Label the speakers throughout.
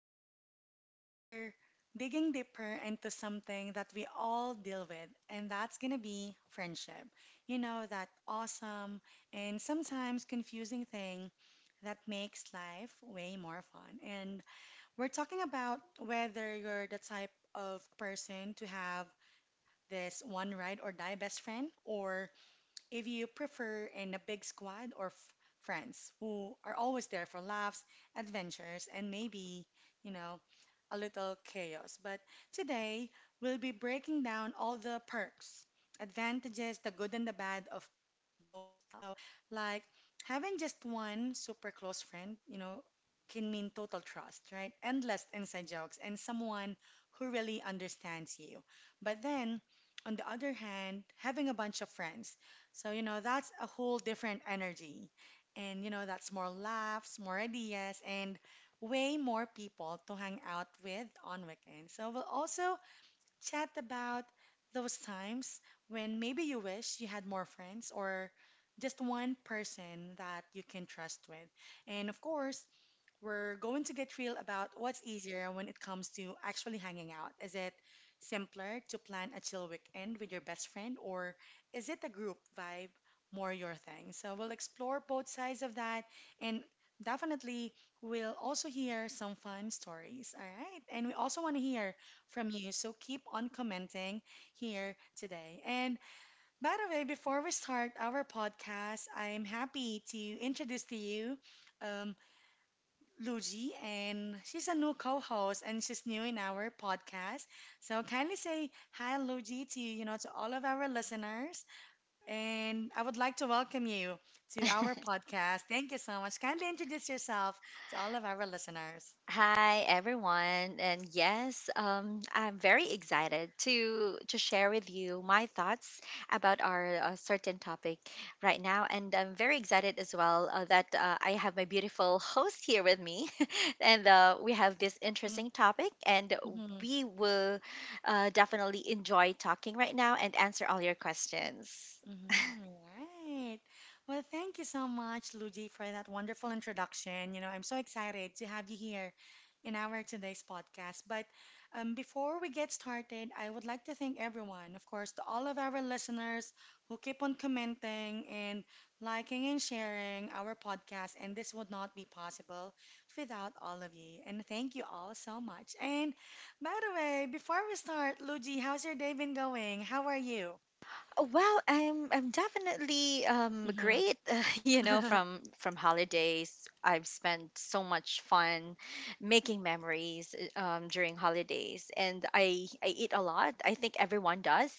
Speaker 1: today we're digging deeper into something that we all deal with, and that's gonna be friendship. You know, that awesome and sometimes confusing thing that makes life way more fun. And we're talking about whether you're the type of person to have this one ride or die best friend or if you prefer in a big squad or friends who are always there for laughs, adventures, and maybe, you know, a little chaos. But today, we'll be breaking down all the perks, advantages, the good and the bad of both styles. So, like having just one super close friend, you know, can mean total trust, right? Endless inside jokes and someone who really understands you. But then, on the other hand, having a bunch of friends so, you know, that's a whole different energy. And, you know, that's more laughs, more ideas, and way more people to hang out with on weekends. So, we'll also chat about those times when maybe you wish you had more friends or just one person that you can trust with. And of course, we're going to get real about what's easier when it comes to actually hanging out. Is it simpler to plan a chill weekend with your best friend, or is it a group vibe more your thing? So we'll explore both sides of that, and definitely we'll also hear some fun stories. All right, and we also want to hear from you, so keep on commenting here today. And by the way, before we start our podcast, I'm happy to introduce to you. Um, Luigi, and she's a new co-host, and she's new in our podcast. So kindly say hi, Luigi, to to all of our listeners, and I would like to welcome you to our podcast. Thank you so much. Kindly introduce yourself to all of our listeners.
Speaker 2: Hi everyone, and yes, I'm very excited to share with you my thoughts about our certain topic right now, and I'm very excited as well that I have my beautiful host here with me, and we have this interesting topic, and we will definitely enjoy talking right now and answer all your questions.
Speaker 1: Mhm. Right. Well, thank you so much, Luigi, for that wonderful introduction. You know, I'm so excited to have you here in our today's podcast. But before we get started, I would like to thank everyone, of course, to all of our listeners who keep on commenting and liking and sharing our podcast. And this would not be possible without all of you. And thank you all so much. And by the way, before we start, Luigi, how's your day been going? How are you?
Speaker 2: Oh, well, I'm definitely great.
Speaker 1: Mm-hmm.
Speaker 2: Uh, you know, from from holidays, I've spent so much fun making memories during holidays, and I eat a lot. I think everyone does,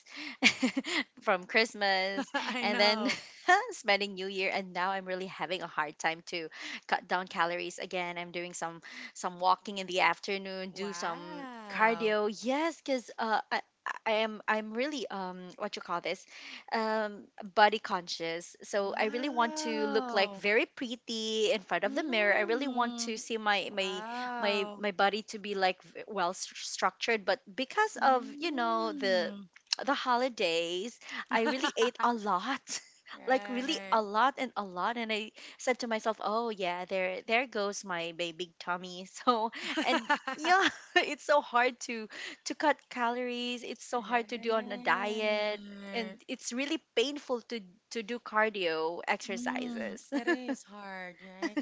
Speaker 2: from Christmas,
Speaker 1: I
Speaker 2: and then
Speaker 1: know.
Speaker 2: spending New Year. And now I'm really having a hard time to cut down calories again. I'm doing some walking in the afternoon, do some
Speaker 1: Wow.
Speaker 2: cardio. Yes, because I'm really what you call this um, body conscious. So I really want to look like
Speaker 1: Wow.
Speaker 2: very pretty in front of the mirror. I really want to
Speaker 1: Mm.
Speaker 2: see my my my
Speaker 1: Wow.
Speaker 2: my body to be like well structured. But because of you know the
Speaker 1: Mm.
Speaker 2: the holidays, I really ate a lot. Like really
Speaker 1: Right.
Speaker 2: a lot, and I said to myself, "Oh yeah, there goes my big tummy." So, and yeah, it's so hard to cut calories. It's so
Speaker 1: Right.
Speaker 2: hard to do on a diet, and it's really painful to do cardio
Speaker 1: Mm,
Speaker 2: exercises.
Speaker 1: it is hard, right?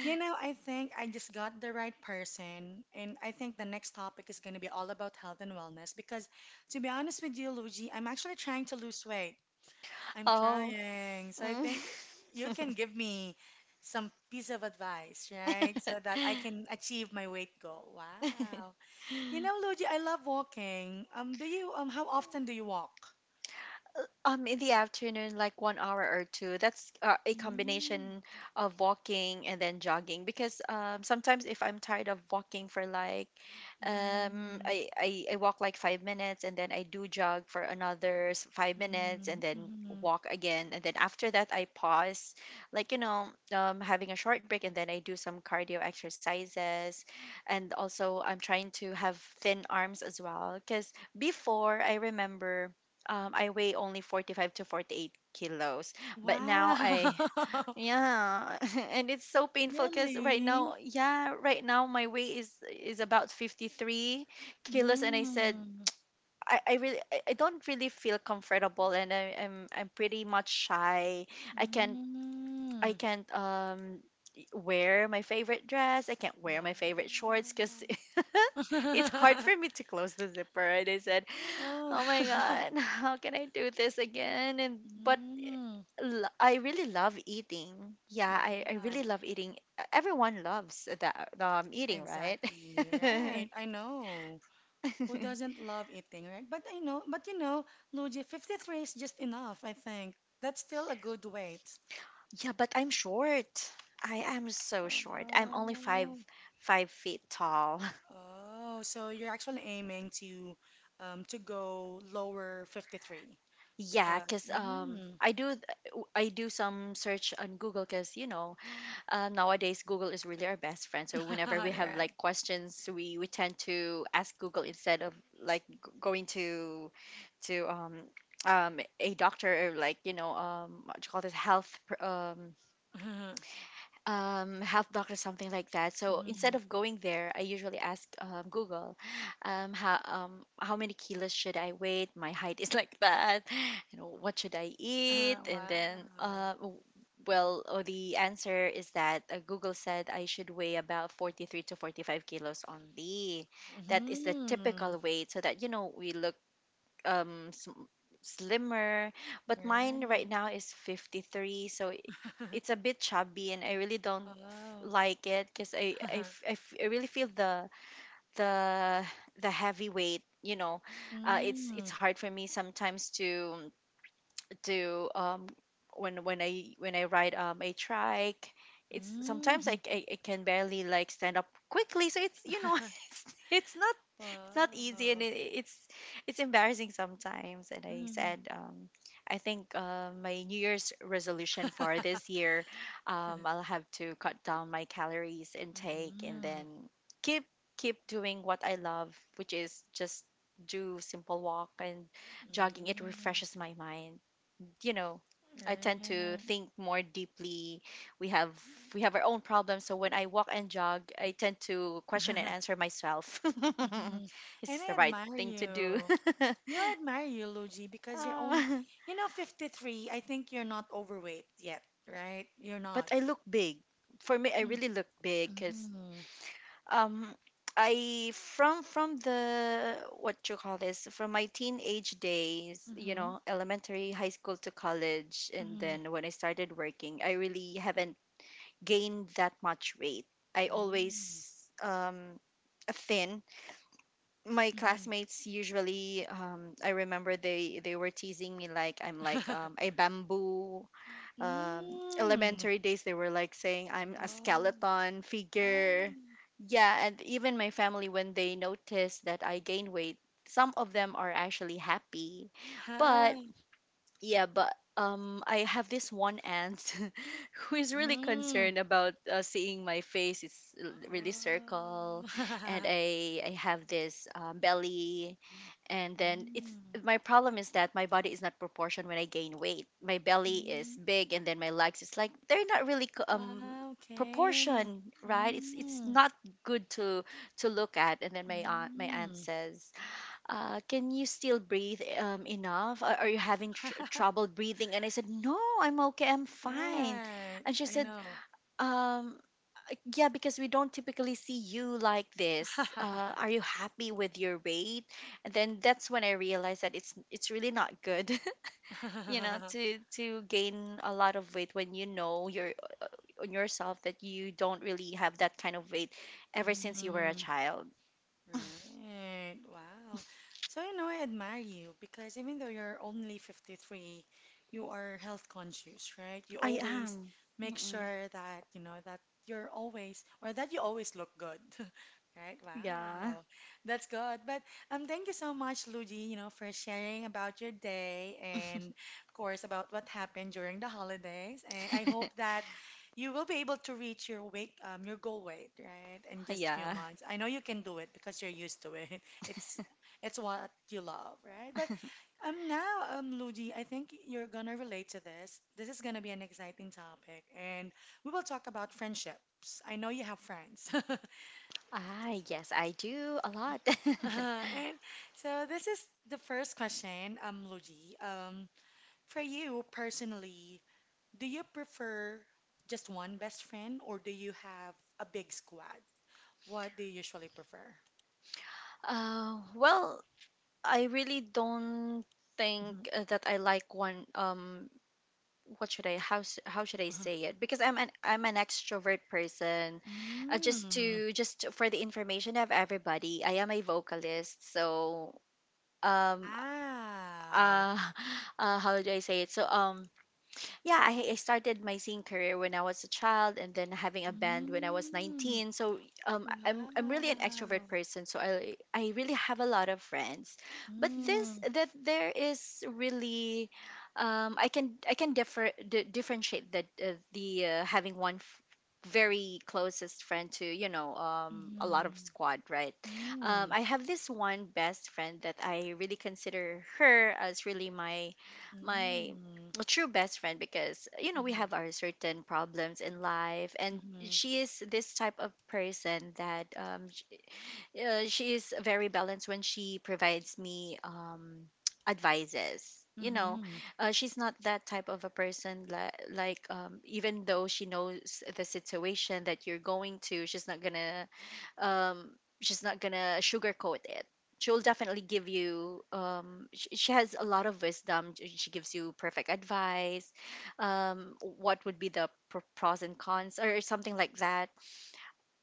Speaker 1: You know, I think I just got the right person, and I think the next topic is going to be all about health and wellness because, to be honest with you, Luigi, I'm actually trying to lose weight. I'm
Speaker 2: Oh.
Speaker 1: trying. So I
Speaker 2: Mm.
Speaker 1: think you can give me some piece of advice, right? So that I can achieve my weight goal. Wow. You know, Luigi, I love walking. Do you how often do you walk?
Speaker 2: In the afternoon, like one hour or two. That's a combination of walking and then jogging. Because sometimes if I'm tired of walking for like
Speaker 1: Mm,
Speaker 2: um
Speaker 1: mm,
Speaker 2: I, I i walk like 5 minutes, and then I do jog for another 5 minutes, and then
Speaker 1: mm, mm.
Speaker 2: walk again, and then after that I pause, like you know having a short break, and then I do some cardio exercises, and also I'm trying to have thin arms as well, because before I remember, I weigh only 45 to 48 kilos, but now I
Speaker 1: Wow.
Speaker 2: yeah, and it's so painful because right now,
Speaker 1: Really?
Speaker 2: yeah, right now my weight is about 53 kilos, and I said
Speaker 1: Mm,
Speaker 2: I, I really I I don't really feel comfortable, and I'm pretty much shy. I can't I
Speaker 1: mm.
Speaker 2: can't um y- wear my favorite dress. I can't
Speaker 1: Wow.
Speaker 2: wear my favorite shorts because it's hard for me to close the zipper. And I said,
Speaker 1: Oh.
Speaker 2: oh my god, how can I do this again? And but
Speaker 1: Mm,
Speaker 2: l- I really love eating. Yeah, I
Speaker 1: wow.
Speaker 2: really love eating. Everyone loves that, eating, right?
Speaker 1: Exactly, right. I know. Who doesn't love eating, right? But I know, but you know, Luigi, 53 is just enough, I think. That's still a good weight.
Speaker 2: Yeah, but I'm short. I am so short. I'm only five
Speaker 1: Oh,
Speaker 2: five feet tall.
Speaker 1: oh, so you're actually aiming to go lower 53
Speaker 2: Yeah,
Speaker 1: because
Speaker 2: cause
Speaker 1: mm,
Speaker 2: I do some search on Google, cause nowadays Google is really our best friend. So whenever
Speaker 1: all
Speaker 2: we have
Speaker 1: right.
Speaker 2: like questions, we tend to ask Google instead of going to a doctor, or what do you call this health doctor, something like that. So instead
Speaker 1: Mhm.
Speaker 2: of going there, I usually ask, Google, how many kilos should I weigh? My height is like that. What should I eat? And then,
Speaker 1: Wow.
Speaker 2: well, oh, the answer is that, Google said I should weigh about 43 to 45 kilos only. That is the
Speaker 1: Mhm.
Speaker 2: typical weight, so that we look um sm- slimmer, but mine
Speaker 1: Right.
Speaker 2: right now is 53, so it's a bit chubby, and I really don't
Speaker 1: Oh.
Speaker 2: like it, because I, I, f- I f- I really feel the the heavy weight. It's
Speaker 1: Mm.
Speaker 2: hard for me sometimes to, when I ride a trike. It's sometimes I,
Speaker 1: Mhm.
Speaker 2: c- I, I can barely like stand up quickly, so it's you know it's not it's not easy, and
Speaker 1: Wow.
Speaker 2: it's embarrassing sometimes, and I
Speaker 1: Mm.
Speaker 2: said, I think, my New Year's resolution for this year, I'll have to cut down my calories intake, and then
Speaker 1: Mhm.
Speaker 2: keep keep doing what I love, which is just do simple walk and
Speaker 1: Mm.
Speaker 2: jogging. It
Speaker 1: Mm.
Speaker 2: refreshes my mind you know I tend to think more deeply. We have we have our own problems, so when I walk and jog, I tend to question and answer myself.
Speaker 1: Mhm.
Speaker 2: Is
Speaker 1: And
Speaker 2: this the
Speaker 1: I
Speaker 2: right
Speaker 1: admire
Speaker 2: thing to do?
Speaker 1: you. You know, I admire you, Luigi, because you're only,
Speaker 2: Ah,
Speaker 1: you know, 53. I think you're not overweight yet, right? You're
Speaker 2: but
Speaker 1: not.
Speaker 2: I look big. For me, I
Speaker 1: Mm.
Speaker 2: really look big, because
Speaker 1: Mhm.
Speaker 2: um I from the what you call this from my teenage days,
Speaker 1: Mhm.
Speaker 2: elementary, high school to college, and
Speaker 1: Mhm.
Speaker 2: then when I started working, I really haven't gain that much weight. I
Speaker 1: Mm.
Speaker 2: always, um thin. My
Speaker 1: Mhm.
Speaker 2: classmates usually, I remember, they were teasing me, like I'm like a bamboo.
Speaker 1: Mm.
Speaker 2: Elementary days they were like saying I'm
Speaker 1: Oh.
Speaker 2: a
Speaker 1: Oh.
Speaker 2: skeleton figure. Yeah, and even my family, when they noticed that I gained weight, some of them are actually happy.
Speaker 1: Ah.
Speaker 2: But yeah, but I have this one aunt who is really
Speaker 1: Mm.
Speaker 2: concerned about, seeing my face. It's really
Speaker 1: Oh.
Speaker 2: circle, and I have this, belly, and then it's
Speaker 1: Mm.
Speaker 2: my problem is that my body is not proportioned when I gain weight. My belly is
Speaker 1: Mm.
Speaker 2: big, and then my legs is like they're not really
Speaker 1: Okay.
Speaker 2: proportion, right? It's
Speaker 1: Mm.
Speaker 2: not good to look at. And then my aunt
Speaker 1: Mm.
Speaker 2: says, can you still breathe, enough? Are you having trouble breathing? And I said, no, I'm okay, I'm fine.
Speaker 1: Right.
Speaker 2: And she
Speaker 1: I
Speaker 2: said,
Speaker 1: know.
Speaker 2: um, yeah, because we don't typically see you like this. Are you happy with your weight? And then that's when I realized that it's really not good, to gain a lot of weight when your on yourself that you don't really have that kind of weight ever since you were a
Speaker 1: Mm.
Speaker 2: child.
Speaker 1: Right. Wow. So, you know, I admire you because even though you're only 53, you are health conscious, right? You
Speaker 2: I
Speaker 1: always
Speaker 2: am.
Speaker 1: make
Speaker 2: Mm-mm.
Speaker 1: sure that, you know, that you're always, or that you always look good, right?
Speaker 2: Yeah,
Speaker 1: Wow. That's good. But thank you so much, Luigi, you know, for sharing about your day and, of course, about what happened during the holidays. And I hope that you will be able to reach your weight, your goal weight, right? In just a few
Speaker 2: yeah.
Speaker 1: months. I know you can do it because you're used to it. It's it's what you love, right? But now, Luigi, I think you're gonna relate to this. This is gonna be an exciting topic, and we will talk about friendships. I know you have friends.
Speaker 2: Ah, yes, I do a lot.
Speaker 1: And so this is the first question, Luigi. For you personally, do you prefer just one best friend or do you have a big squad? What do you usually prefer?
Speaker 2: Well, I really don't
Speaker 1: Mhm.
Speaker 2: think, that I like one. What should I how s- how should I
Speaker 1: Uh-huh.
Speaker 2: say it? Because I'm an extrovert person.
Speaker 1: Mm.
Speaker 2: Just for the information of everybody, I am a vocalist. So um
Speaker 1: Wow.
Speaker 2: uh, how do I say it? So yeah, I started my singing career when I was a child, and then having a band when I was
Speaker 1: Mm.
Speaker 2: 19. So I'm really an extrovert
Speaker 1: Wow.
Speaker 2: person, so I really have a lot of friends. But this
Speaker 1: Mm.
Speaker 2: that there is really, I can differentiate that, the, having one. Very closest friend to, a lot of
Speaker 1: Mhm.
Speaker 2: squad, right?
Speaker 1: Mm.
Speaker 2: I have this one best friend that I really consider her as really my my a true best friend, because we
Speaker 1: Mm.
Speaker 2: have our certain problems in life, and
Speaker 1: Mhm,
Speaker 2: she is this type of person that, she is very balanced when she provides me advices you know
Speaker 1: mhm,
Speaker 2: uh, She's not that type of a person, like, even though she knows the situation that you're going to, um, she's not gonna sugarcoat it. She'll definitely give you. She has a lot of wisdom. She gives you perfect advice. What would be the pros and cons, or something like that,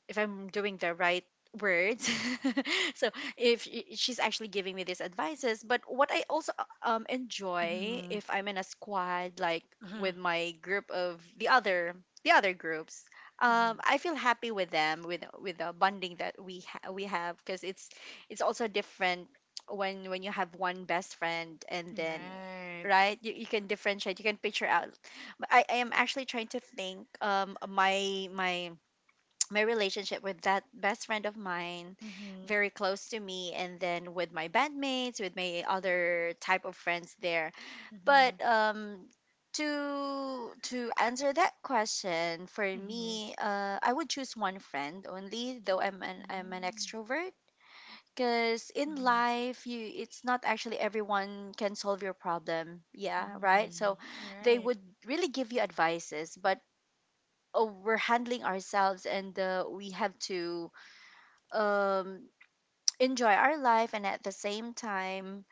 Speaker 2: if I'm doing the right words. So if she- she's actually giving me these advices, but what I also
Speaker 1: mhm,
Speaker 2: enjoy
Speaker 1: mhm,
Speaker 2: if I'm in a squad like
Speaker 1: uh-huh,
Speaker 2: with my group of the other groups,
Speaker 1: mhm.
Speaker 2: I feel happy with them with the bonding that we have because it's also different when you have one best friend and then
Speaker 1: Right.
Speaker 2: right you can differentiate, you can picture out. But I am actually trying to think my relationship with that best friend of mine,
Speaker 1: Mhm,
Speaker 2: very close to me, and then with my bandmates, with my other type of friends there,
Speaker 1: mhm,
Speaker 2: but to answer that question, for
Speaker 1: mhm,
Speaker 2: me, I would choose one friend only, though I'm an
Speaker 1: mm,
Speaker 2: extrovert, because in
Speaker 1: mhm,
Speaker 2: life you, it's not actually everyone can solve your problem, yeah, right.
Speaker 1: mhm.
Speaker 2: So they
Speaker 1: Right.
Speaker 2: would really give you advices, but oh, we're handling ourselves and we have to um, enjoy our life, and at the same time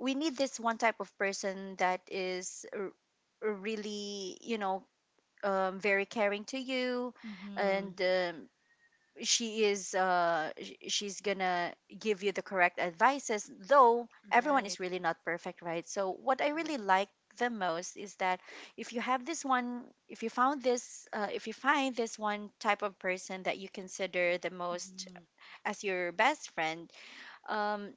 Speaker 2: we need this one type of person that is really, you know, very caring to you,
Speaker 1: Mhm.
Speaker 2: and she is she's gonna give you the correct advices, though everyone is
Speaker 1: Right.
Speaker 2: really not perfect, right? So what I really
Speaker 1: Correct.
Speaker 2: like the most is that if you have this one, if you found this if you find this one type of person that you consider the most
Speaker 1: Mhm,
Speaker 2: as your best friend, um,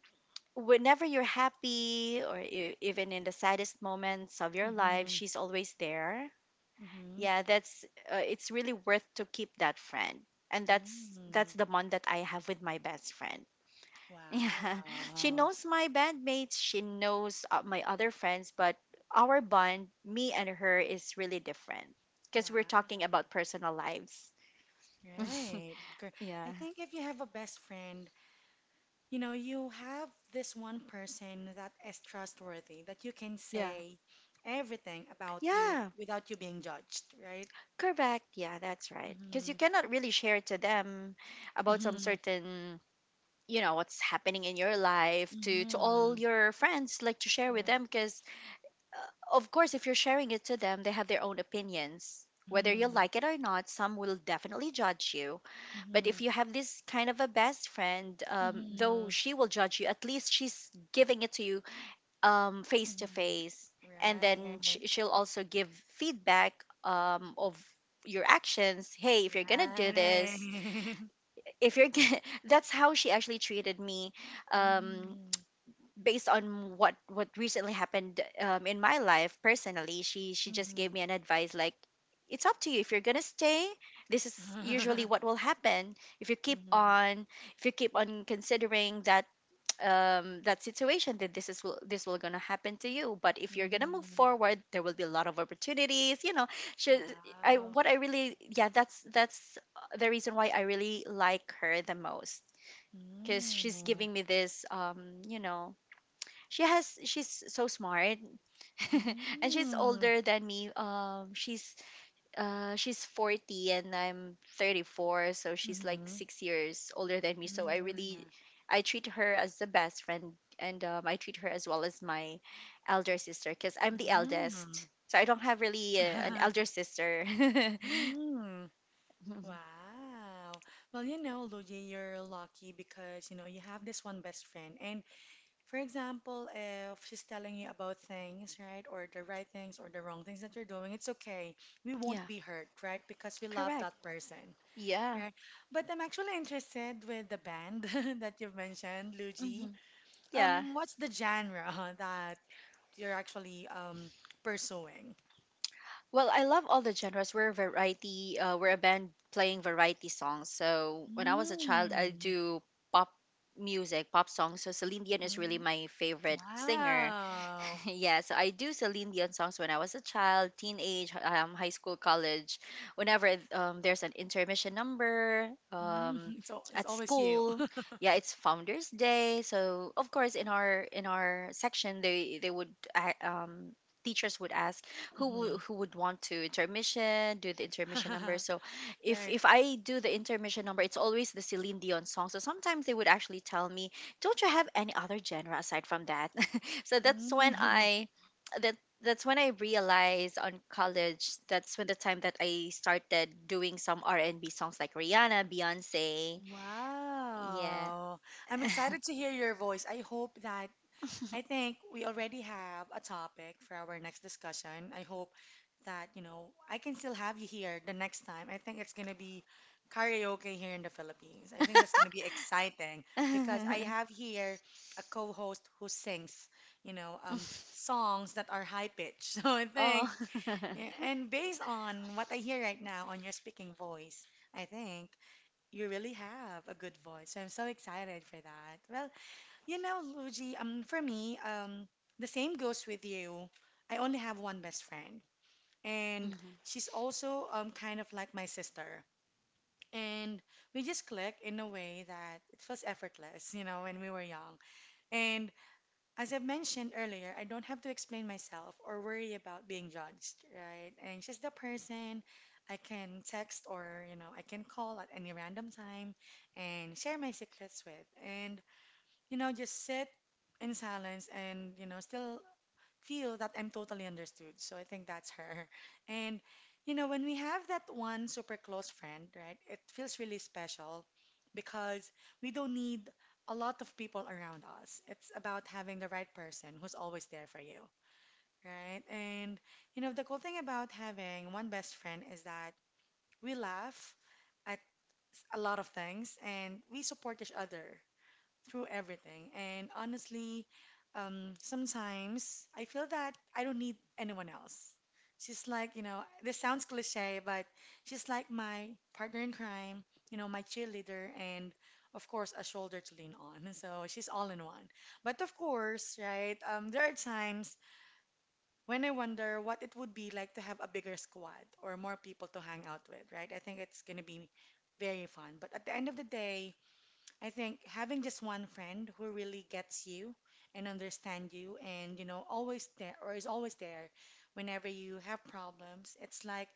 Speaker 2: whenever you're happy or even in the saddest moments of your life,
Speaker 1: mhm,
Speaker 2: she's always there.
Speaker 1: mhm.
Speaker 2: Yeah, that's it's really worth to keep that friend, and that's
Speaker 1: Mm,
Speaker 2: the bond that I have with my best friend. Yeah, she
Speaker 1: wow.
Speaker 2: knows my bandmates, she knows my other friends, but our bond, me and her, is really different because we're talking
Speaker 1: Wow.
Speaker 2: about personal lives.
Speaker 1: Right.
Speaker 2: Yeah,
Speaker 1: I think if you have a best friend, you know, you have this one person that is trustworthy, that you can
Speaker 2: yeah,
Speaker 1: say everything about you
Speaker 2: yeah.
Speaker 1: without you being judged, right?
Speaker 2: Correct. Yeah, that's right. Because you
Speaker 1: Mm-hmm.
Speaker 2: cannot really share to them about some
Speaker 1: Mm-hmm.
Speaker 2: certain, you know, what's happening in your life, to
Speaker 1: Mm-hmm.
Speaker 2: all your friends, like to share with
Speaker 1: Yeah.
Speaker 2: them. Because of course, if you're sharing it to them, they have their own opinions. Whether you
Speaker 1: Mm-hmm.
Speaker 2: like it or not, some will definitely judge you. But
Speaker 1: Mm-hmm.
Speaker 2: if you have this kind of a best friend, though
Speaker 1: Mm-hmm.
Speaker 2: she will judge you, at least she's giving it to you face to
Speaker 1: Mm-hmm.
Speaker 2: face, and then
Speaker 1: Right.
Speaker 2: she'll also give feedback of your actions. Hey, if you're gonna do this,
Speaker 1: Right.
Speaker 2: if you're gonna that's how she actually treated me. um
Speaker 1: Mm-hmm.
Speaker 2: Based on what recently happened, in my life personally, she just gave me an advice like, it's up to you if you're gonna stay. This is
Speaker 1: Mm-hmm.
Speaker 2: usually what will happen if you keep
Speaker 1: Mm-hmm.
Speaker 2: on, if you keep on considering that, that situation, then this will gonna happen to you. But if you're gonna move
Speaker 1: Mm.
Speaker 2: forward, there will be a lot of opportunities, you know. She, I
Speaker 1: Wow.
Speaker 2: what I really, yeah, that's the reason why I really like her the most, because
Speaker 1: Mm.
Speaker 2: she's giving me this, you know, she has, she's so smart. And she's
Speaker 1: Mm.
Speaker 2: older than me, she's 40 and I'm 34, so she's like
Speaker 1: Mhm.
Speaker 2: 6 years older than me.
Speaker 1: Mm.
Speaker 2: So I really, I treat her as the best friend, and I treat her as well as my elder sister, because I'm the
Speaker 1: Mm.
Speaker 2: eldest. So I don't have really an elder sister.
Speaker 1: Mm.
Speaker 2: Mhm.
Speaker 1: Wow. Well, you know, Luigi, you're lucky because, you know, you have this one best friend. And for example, if she's telling you about things, right, or the right things or the wrong things that you're doing, it's okay. We won't
Speaker 2: Yeah,
Speaker 1: be hurt, right? Because we love
Speaker 2: correct.
Speaker 1: that person,
Speaker 2: Yeah.
Speaker 1: right? But I'm actually interested with the band that you've mentioned, Luigi.
Speaker 2: Hmm. Yeah.
Speaker 1: What's the genre that you're actually pursuing?
Speaker 2: Well, I love all the genres. We're a variety. We're a band playing variety songs. So when I was a child, I
Speaker 1: Mm.
Speaker 2: do pop music, pop songs. So Celine Dion is really
Speaker 1: Mm.
Speaker 2: my favorite singer.
Speaker 1: Wow.
Speaker 2: Yeah, so I do Celine Dion songs when I was a child, teenage, high school, college. Whenever there's an intermission number,
Speaker 1: Mm. It's
Speaker 2: at
Speaker 1: always you.
Speaker 2: school, yeah, it's Founders Day. So of course, in our section, they teachers would ask
Speaker 1: Hmm.
Speaker 2: who would want to intermission, do the intermission number. So
Speaker 1: Right.
Speaker 2: if I do the intermission number, it's always the Celine Dion song. So sometimes they would actually tell me, "Don't you have any other genre aside from that?" So that's when
Speaker 1: Mm.
Speaker 2: I, that, that's when I realized on college, that's when the time that I started doing some R&B songs, like Rihanna, Beyonce. Yeah.
Speaker 1: Wow. I'm excited to hear your voice. I hope that I think we already have a topic for our next discussion. I hope that, you know, I can still have you here the next time. I think it's going to be karaoke here in the Philippines. I think that's going to be exciting because I have here a co-host who sings, you know, songs that are high pitched. So I
Speaker 2: Oh.
Speaker 1: think, yeah, and based on what I hear right now on your speaking voice, I think you really have a good voice. So I'm so excited for that. Well, you know, Luigi, for me, the same goes with you. I only have one best friend, and
Speaker 2: Mhm.
Speaker 1: she's also kind of like my sister. And we just click in a way that it feels effortless, you know, when we were young. And as I mentioned earlier, I don't have to explain myself or worry about being judged, right? And she's the person I can text or, you know, I can call at any random time and share my secrets with. And you know, just sit in silence and, you know, still feel that I'm totally understood. So I think that's her. And, you know, when we have that one super close friend, right, it feels really special because we don't need a lot of people around us. It's about having the right person who's always there for you, right? And, you know, the cool thing about having one best friend is that we laugh at a lot of things and we support each other through everything. And honestly, sometimes I feel that I don't need anyone else. She's like, you know, this sounds cliche, but she's like my partner in crime, you know, my cheerleader, and of course, a shoulder to lean on. So she's all in one. But of course, right, there are times when I wonder what it would be like to have a bigger squad or more people to hang out with, right? I think it's going to be very fun. But at the end of the day, I think having just one friend who really gets you and understand you and always there or is always there whenever you have problems, it's like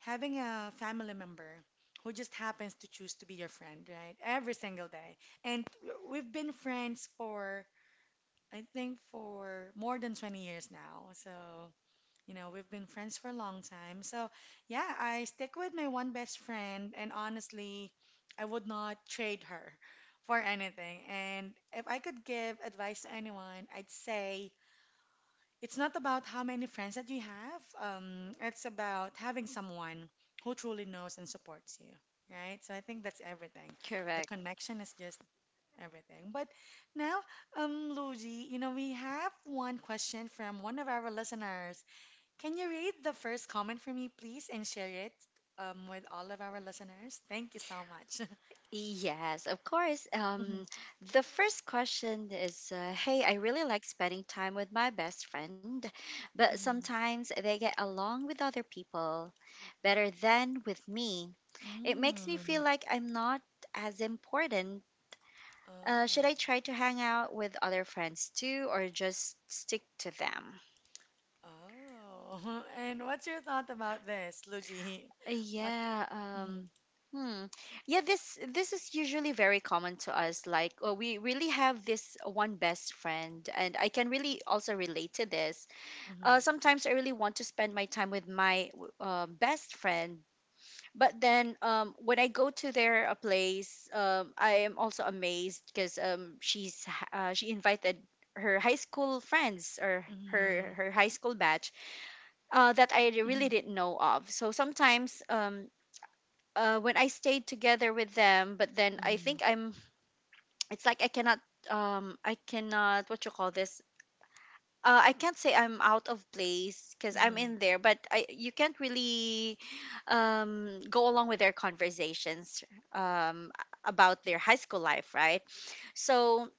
Speaker 1: having a family member who just happens to choose to be your friend, right? Every single day. And we've been friends for I think for more than 20 years now. So you know, we've been friends for a long time. So, yeah, I stick with my one best friend, and honestly, I would not trade her for anything. And if I could give advice to anyone, I'd say it's not about how many friends that you have, it's about having someone who truly knows and supports you, right? So, I think that's everything. The
Speaker 2: Correct.
Speaker 1: connection is just everything. But now, Luigi, you know, we have one question from one of our listeners. Can you read the first comment for me, please, and share it with all of our listeners? Thank you so much.
Speaker 2: Yes, of course.
Speaker 1: Mhm,
Speaker 2: The first question is, hey, I really like spending time with my best friend, but
Speaker 1: mhm.
Speaker 2: sometimes they get along with other people better than with me. It makes me
Speaker 1: Mm.
Speaker 2: feel like I'm not as important. Should
Speaker 1: Oh.
Speaker 2: I try to hang out with other friends too, or just stick to them?
Speaker 1: Oh. And what's your thought about this, Luigi? What?
Speaker 2: Yeah.
Speaker 1: Mm-hmm.
Speaker 2: Hmm. Yeah. This is usually very common to us. Like, oh, we really have this one best friend, and I can really also relate to this.
Speaker 1: Mm-hmm.
Speaker 2: Sometimes I really want to spend my time with my best friend, but then when I go to their place, I am also amazed because she's she invited her high school friends, or
Speaker 1: Mm-hmm.
Speaker 2: her high school batch, that I really didn't know of. So sometimes when I stayed together with them, but then I
Speaker 1: Mm-hmm.
Speaker 2: think I'm it's like I cannot, I cannot, what you call this, I can't say I'm out of place because I'm
Speaker 1: Mm-hmm.
Speaker 2: in there, but I, you can't really go along with their conversations about their high school life, right? So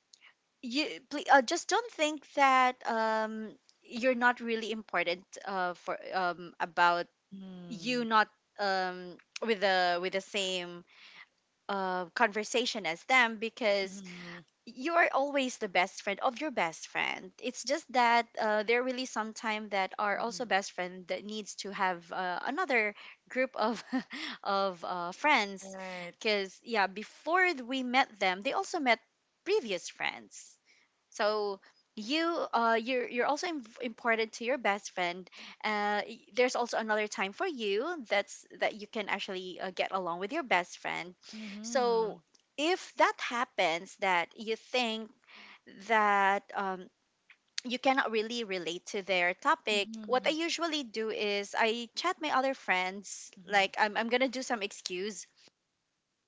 Speaker 2: you, please, just don't think that you're not really important, for about
Speaker 1: Mm-hmm.
Speaker 2: you not um, with the with the same conversation as them, because
Speaker 1: Mm-hmm.
Speaker 2: you're always the best friend of your best friend. It's just that there really some time that are
Speaker 1: Mm-hmm.
Speaker 2: also best friend that needs to have another group of of friends,
Speaker 1: Right.
Speaker 2: because yeah, before we met them, they also met previous friends. So you, you're also important to your best friend. There's also another time for you, that you can actually get along with your best friend.
Speaker 1: Mm-hmm.
Speaker 2: So if that happens, that you think that you cannot really relate to their topic. What I
Speaker 1: Mm-hmm.
Speaker 2: usually do is I chat my other friends.
Speaker 1: Mm-hmm.
Speaker 2: Like I'm gonna do some excuse,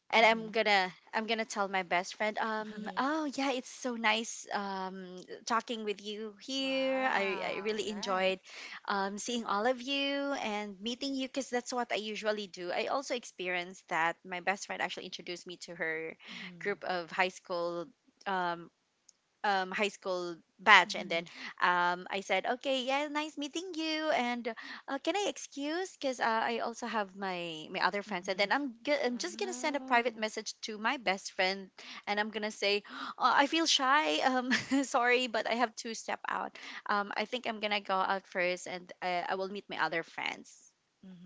Speaker 2: and I'm
Speaker 1: Mm-hmm.
Speaker 2: gonna I'm gonna tell my best friend, oh yeah, it's so nice talking with you here. I
Speaker 1: Wow.
Speaker 2: really
Speaker 1: Right.
Speaker 2: enjoyed seeing all of you and meeting you, because that's what I usually do. I also experienced that my best friend actually introduced me to her group of high school, um high school batch, and then
Speaker 1: Mm-hmm.
Speaker 2: I said, okay, yeah, nice meeting you, and can I excuse because I also have my other friends. And
Speaker 1: Mm-hmm.
Speaker 2: then I'm just gonna send a private
Speaker 1: Oh.
Speaker 2: message to my best friend, and I'm gonna say, oh, I feel shy, sorry, but I have to step out, I think I'm gonna go out first, and I will meet my other friends.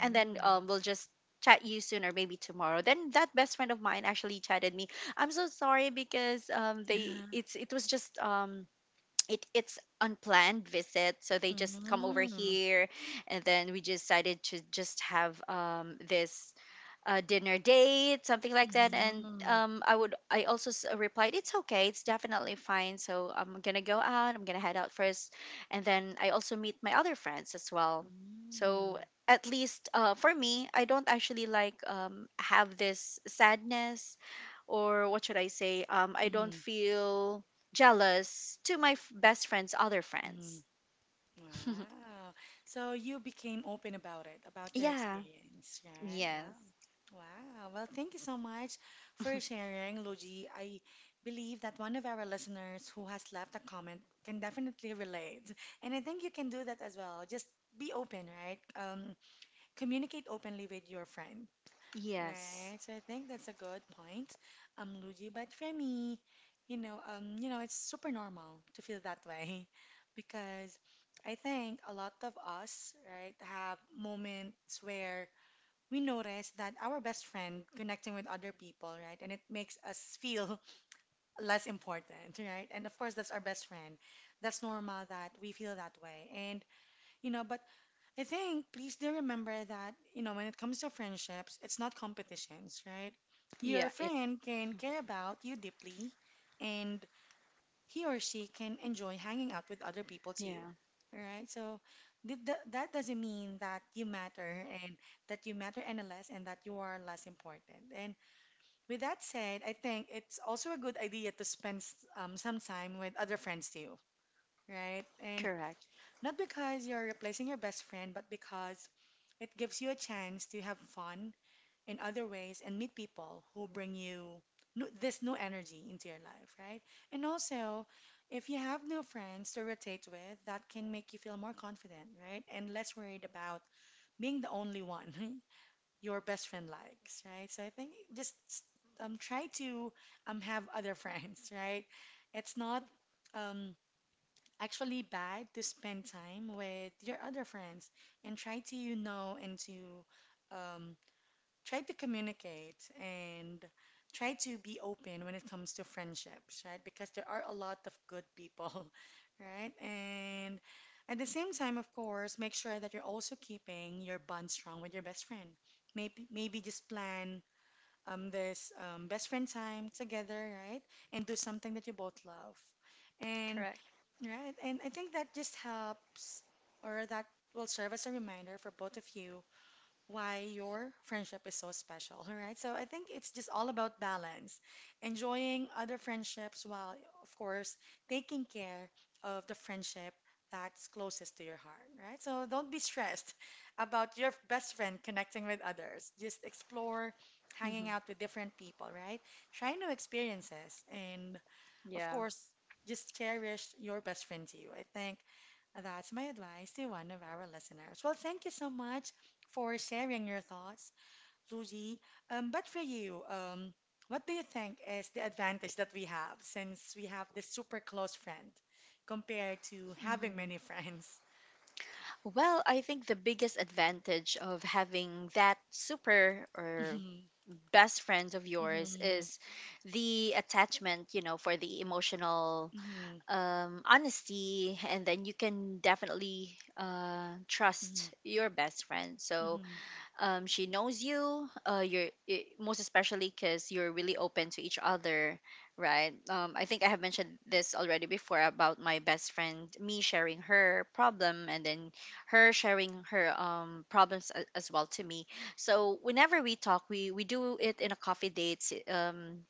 Speaker 2: And then we'll just chat you soon, or maybe tomorrow. Then that best friend of mine actually chatted me, I'm so sorry because they,
Speaker 1: Yeah.
Speaker 2: it was just it's unplanned visit, so they
Speaker 1: Mm.
Speaker 2: just come over
Speaker 1: Mhm.
Speaker 2: here, and then we decided to just have this a dinner date, something like that. And
Speaker 1: Mm.
Speaker 2: I would, I also replied, it's okay, it's definitely fine. So I'm gonna go out, I'm gonna head out first, and then I also meet my other friends as well. So at least for me, I don't actually like, have this sadness, or what should I say? I don't
Speaker 1: Mhm.
Speaker 2: feel jealous to my best friend's other
Speaker 1: Mhm.
Speaker 2: friends.
Speaker 1: Wow. So you became open about it, about your
Speaker 2: Yeah.
Speaker 1: experience, right? Wow.
Speaker 2: Yes.
Speaker 1: Wow. Well, thank you so much for sharing, Luigi. I believe that one of our listeners who has left a comment can definitely relate. And I think you can do that as well. Just be open, right? Communicate openly with your friend.
Speaker 2: Yes.
Speaker 1: Right, so I think that's a good point, Luigi. But for me, you know, it's super normal to feel that way because I think a lot of us, right, have moments where we notice that our best friend connecting with other people, right, and it makes us feel less important, right? And of course, that's our best friend. That's normal that we feel that way. And you know, but I think please do remember that, you know, when it comes to friendships, it's not competitions, right? Your
Speaker 2: Yeah. It.
Speaker 1: friend can care about you deeply and he or she can enjoy hanging out with other people too.
Speaker 2: Yeah.
Speaker 1: All right? So that doesn't mean that you matter and that you matter any less and that you are less important. And with that said, I think it's also a good idea to spend some time with other friends too, right? And
Speaker 2: Correct.
Speaker 1: not because you're replacing your best friend, but because it gives you a chance to have fun in other ways and meet people who bring you new, this new energy into your life, right? And also, if you have no friends to rotate with, that can make you feel more confident, right? And less worried about being the only one your best friend likes, right? So I think just try to have other friends, right? It's not um, actually bad to spend time with your other friends and try to, you know, and to um, try to communicate and try to be open when it comes to friendships, right? Because there are a lot of good people, right? And at the same time, of course, make sure that you're also keeping your bond strong with your best friend. Maybe just plan this best friend time together, right, and do something that you both love. And
Speaker 2: Correct.
Speaker 1: right. And I think that just helps, or that will serve as a reminder for both of you why your friendship is so special. All right. So I think it's just all about balance, enjoying other friendships while, of course, taking care of the friendship that's closest to your heart. Right. So don't be stressed about your best friend connecting with others. Just explore hanging out with different people, right? Try new experiences and of
Speaker 2: Yeah.
Speaker 1: course, just cherish your best friend to you. I think that's my advice to one of our listeners. Well, thank you so much for sharing your thoughts, Luigi. But for you, what do you think is the advantage that we have since we have this super close friend compared to having
Speaker 2: Mhm.
Speaker 1: many friends?
Speaker 2: Well, I think the biggest advantage of having that super or best friend of yours
Speaker 1: Mhm,
Speaker 2: is the attachment, you know, for the emotional
Speaker 1: mhm,
Speaker 2: honesty. And then you can definitely
Speaker 1: mhm,
Speaker 2: trust your best friend. So
Speaker 1: mhm,
Speaker 2: she knows you, you're it, most especially because you're really open to each other, right? I think I have mentioned this already before, about my best friend, me sharing her problem, and then her sharing her, problems as well to me. So whenever we talk, we do it in a coffee date, um,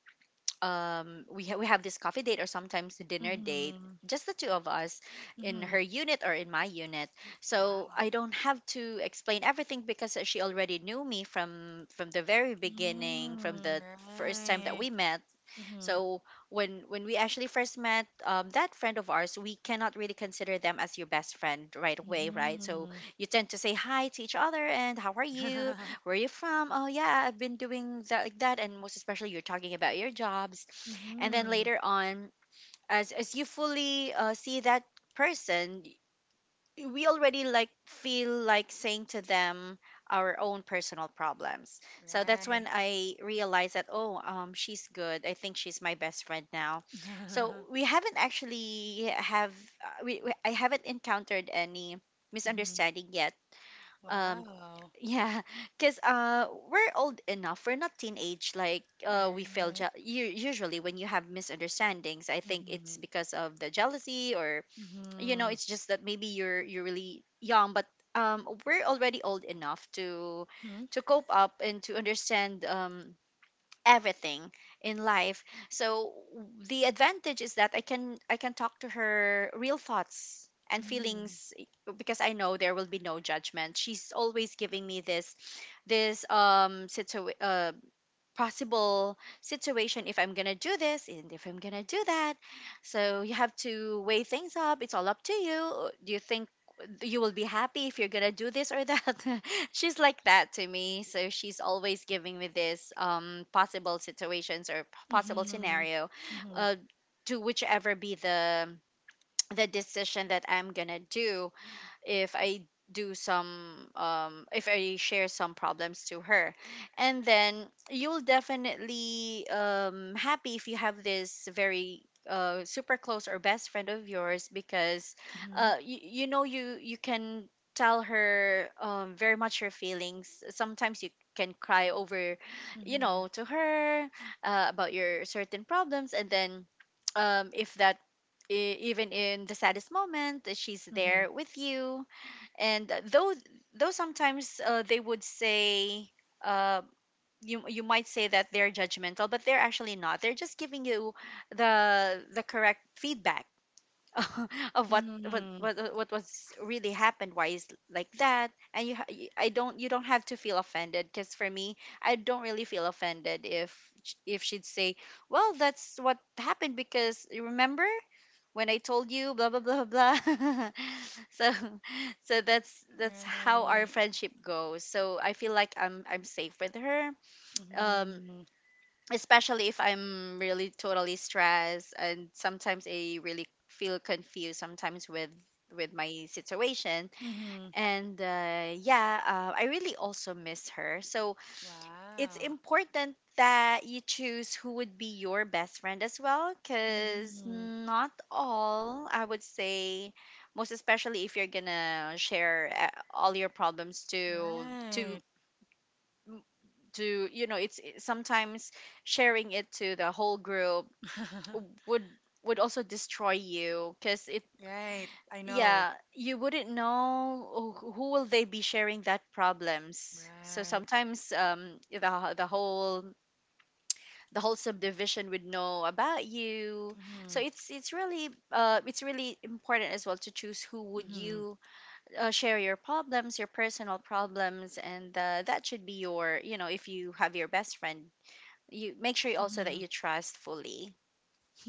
Speaker 2: we we have this coffee date, or sometimes a dinner
Speaker 1: mhm,
Speaker 2: date,
Speaker 1: mhm,
Speaker 2: just the two of us, in
Speaker 1: mhm.
Speaker 2: her unit or in my unit. So
Speaker 1: Wow.
Speaker 2: I don't have to explain everything, because she already knew me from the very beginning, from
Speaker 1: Mm,
Speaker 2: the first time that
Speaker 1: right.
Speaker 2: we met.
Speaker 1: Mm-hmm.
Speaker 2: So when we actually first met, that friend of ours, we cannot really consider them as your best friend right away, right? So
Speaker 1: Mm-hmm.
Speaker 2: you tend to say hi to each other, and how are you? Where are you from? Oh yeah, I've been doing that, like that, and most especially you're talking about your jobs, and then
Speaker 1: Mm-hmm.
Speaker 2: later on, as you fully see that person, we already like feel like saying to them our own personal problems. So that's when
Speaker 1: Right.
Speaker 2: I realized that, oh, she's good. I think she's my best friend now. So we haven't actually have we I haven't encountered any
Speaker 1: Mm-hmm.
Speaker 2: misunderstanding yet. Um,
Speaker 1: Wow.
Speaker 2: yeah, because we're old enough. We're not teenage like we feel.
Speaker 1: Right.
Speaker 2: Usually, when you have misunderstandings, I think
Speaker 1: Mm-hmm.
Speaker 2: it's because of the jealousy, or you know,
Speaker 1: Mm-hmm.
Speaker 2: it's just that maybe you're really young. But we're already old enough to
Speaker 1: Mm-hmm.
Speaker 2: cope up and to understand everything in life. So the advantage is that I can talk to her real thoughts and
Speaker 1: Mm-hmm.
Speaker 2: feelings, eh, because I know there will be no judgment. She's always giving me this, situation, possible situation, if I'm going to do this and if I'm going to do that. So you have to weigh things up. It's all up to you. Do you think you will be happy if you're going to do this or that? She's like that to me. So she's always giving me this possible situations or possible
Speaker 1: Mm-hmm. Mm-hmm.
Speaker 2: scenario
Speaker 1: Mm-hmm.
Speaker 2: uh, to whichever be the decision that I'm going to do if I do some if I share some problems to her. And then you'll definitely happy if you have this very super close or best friend of yours, because you, you know you can tell her very much your feelings. Sometimes you can cry over to her about your certain problems, and then, if that e- even in the saddest moment that she's there with you. And though sometimes, they would say, uh, you might say that they're judgmental, but they're actually not, they're just giving you the correct feedback of what
Speaker 1: Mm-hmm.
Speaker 2: what
Speaker 1: Mm-hmm.
Speaker 2: what what was really happened, why is like that. And you ha- y- I don't you don't have to feel offended, because for me I don't really feel offended if, if she'd say, well, that's what happened because you remember when I told you blah blah blah blah. So so that's how our
Speaker 1: Right.
Speaker 2: friendship goes, so I feel like I'm safe with her. um
Speaker 1: Mm-hmm.
Speaker 2: especially if I'm really totally stressed, and sometimes I really feel confused sometimes with my situation.
Speaker 1: Mm-hmm.
Speaker 2: And yeah, I really also miss her, so it's
Speaker 1: Wow.
Speaker 2: important that you choose who would be your best friend as well, because
Speaker 1: Mm-hmm.
Speaker 2: not all, I would say, most especially if you're gonna share all your problems to
Speaker 1: Right.
Speaker 2: it's, sometimes sharing it to the whole group would also destroy you, because it,
Speaker 1: Right. I know.
Speaker 2: yeah, you wouldn't know who will they be sharing that problems. So
Speaker 1: Right.
Speaker 2: sometimes, the whole subdivision would know about you. So
Speaker 1: Mm-hmm.
Speaker 2: it's really important as well to choose who would you, share your problems, your personal problems, and, that should be your, you know, if you have your best friend, you make sure also that
Speaker 1: Mm-hmm.
Speaker 2: you trust fully.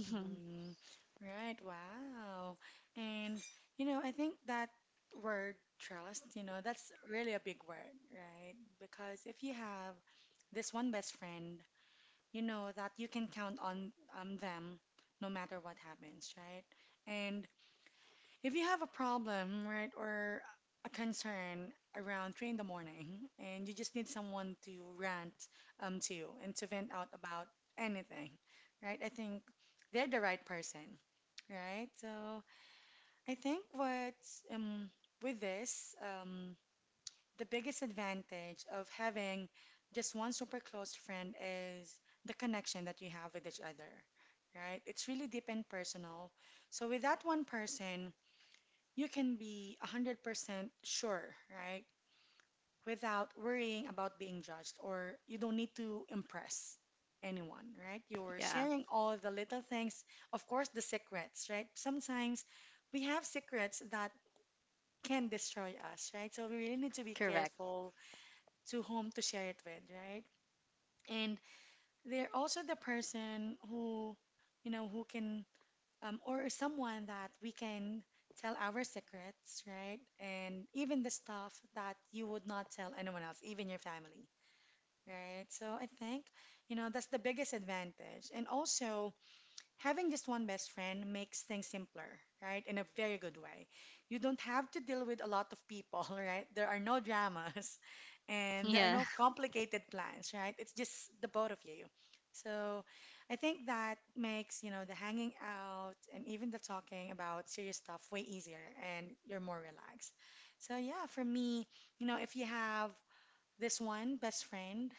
Speaker 1: Mhm. Right, wow. And you know, I think that word trust, you know, that's really a big word, right? Because if you have this one best friend, you know that you can count on them no matter what happens, right? And if you have a problem, right, or a concern around three in the morning, and you just need someone to rant to and to vent out about anything, right? I think they're the right person, right? So I think what um with this the biggest advantage of having just one super close friend is the connection that you have with each other, right? It's really deep and personal. So with that one person you can be 100% sure, right? Without worrying about being judged, or you don't need to impress anyone, right? You're
Speaker 2: Yeah.
Speaker 1: sharing all the little things, of course, the secrets, right? Sometimes we have secrets that can destroy us, right? So we really need to be
Speaker 2: Correct.
Speaker 1: careful to whom to share it with, right? And they're also the person who, you know, who can or someone that we can tell our secrets, right? And even the stuff that you would not tell anyone else, even your family, right? So I think, you know, that's the biggest advantage. And also, having just one best friend makes things simpler, right? In a very good way. You don't have to deal with a lot of people, right? There are no dramas and there are
Speaker 2: Yeah,
Speaker 1: no complicated plans, right? It's just the both of you. So I think that makes, you know, the hanging out and even the talking about serious stuff way easier and you're more relaxed. So yeah, for me, you know, if you have this one best friend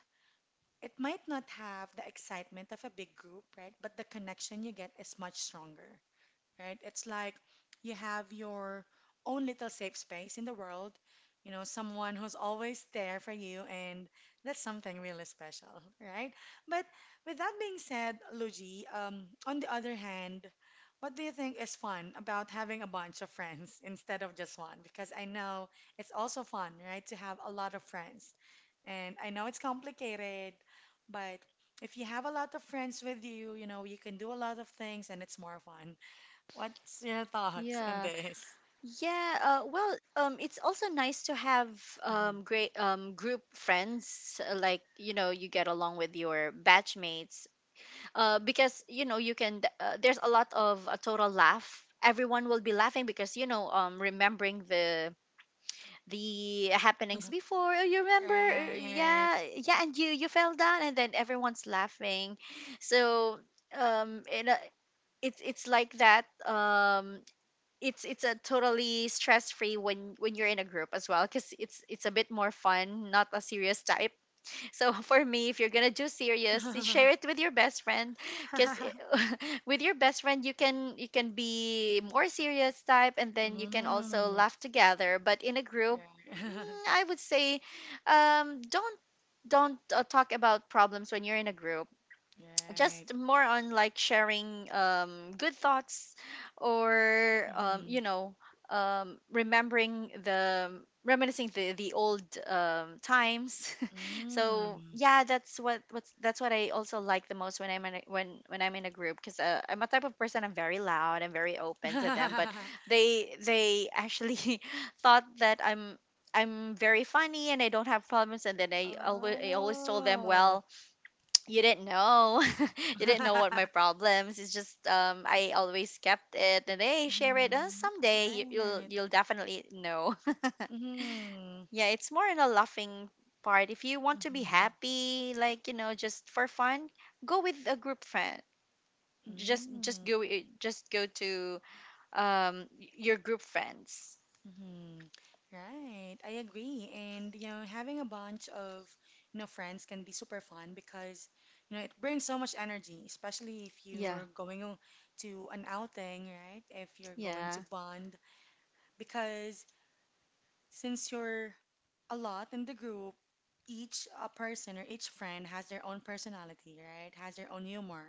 Speaker 1: it might not have the excitement of a big group, right? But the connection you get is much stronger, right? It's like you have your own little safe space in the world, you know, someone who's always there for you, and that's something really special, right? But with that being said, Luigi, on the other hand, what do you think is fun about having a bunch of friends instead of just one? Because I know it's also fun, right, to have a lot of friends. And I know it's complicated, but if you have a lot of friends with you, you know, you can do a lot of things and it's more fun. What's your thoughts on
Speaker 2: yeah,
Speaker 1: this?
Speaker 2: yeah. Well, it's also nice to have
Speaker 1: Hmm.
Speaker 2: great group friends, like, you get along with your batchmates, because you know you can, there's a lot of a total laugh, everyone will be laughing because you know, remembering the happenings before. Oh, you remember.
Speaker 1: Right.
Speaker 2: Yeah, yeah, and you fell down and then everyone's laughing. So, um in a, it's like that. It's a totally stress free when you're in a group as well, because it's a bit more fun, not a serious type. So for me, if you're gonna do serious, share it with your best friend, because with your best friend you can be more serious type, and then you can also
Speaker 1: Mm.
Speaker 2: laugh together. But in a group,
Speaker 1: Right.
Speaker 2: I would say, um, don't don't talk about problems when you're in a group,
Speaker 1: Right.
Speaker 2: just more on like sharing good thoughts, or, you
Speaker 1: Mm.
Speaker 2: know remembering the reminiscing the old, times. So
Speaker 1: Mm.
Speaker 2: yeah, that's what what's that's what I also like the most when, I'm in a group, because I'm a type of person, I'm very loud and very open to them, but they actually thought that I'm very funny and I don't have problems. And then I always told them,
Speaker 1: Oh.
Speaker 2: well, you didn't know. You didn't know what my problems, it's just, I always kept it, and hey, share it, and
Speaker 1: Mm.
Speaker 2: someday you,
Speaker 1: Right.
Speaker 2: you'll definitely know.
Speaker 1: Mm.
Speaker 2: Yeah, it's more in a laughing part, if you want to be
Speaker 1: Mm.
Speaker 2: happy, like, just for fun, go with a group friend,
Speaker 1: Mm.
Speaker 2: just go to your group friends.
Speaker 1: Mhm. Right, I agree. And you know, having a bunch of, you know, friends can be super fun because you know it brings so much energy, especially if
Speaker 2: Yeah.
Speaker 1: you're going to an outing, right? If you're going to
Speaker 2: Yeah.
Speaker 1: bond, because since you're a lot in the group, each person or each friend has their own personality, right? Has their own humor.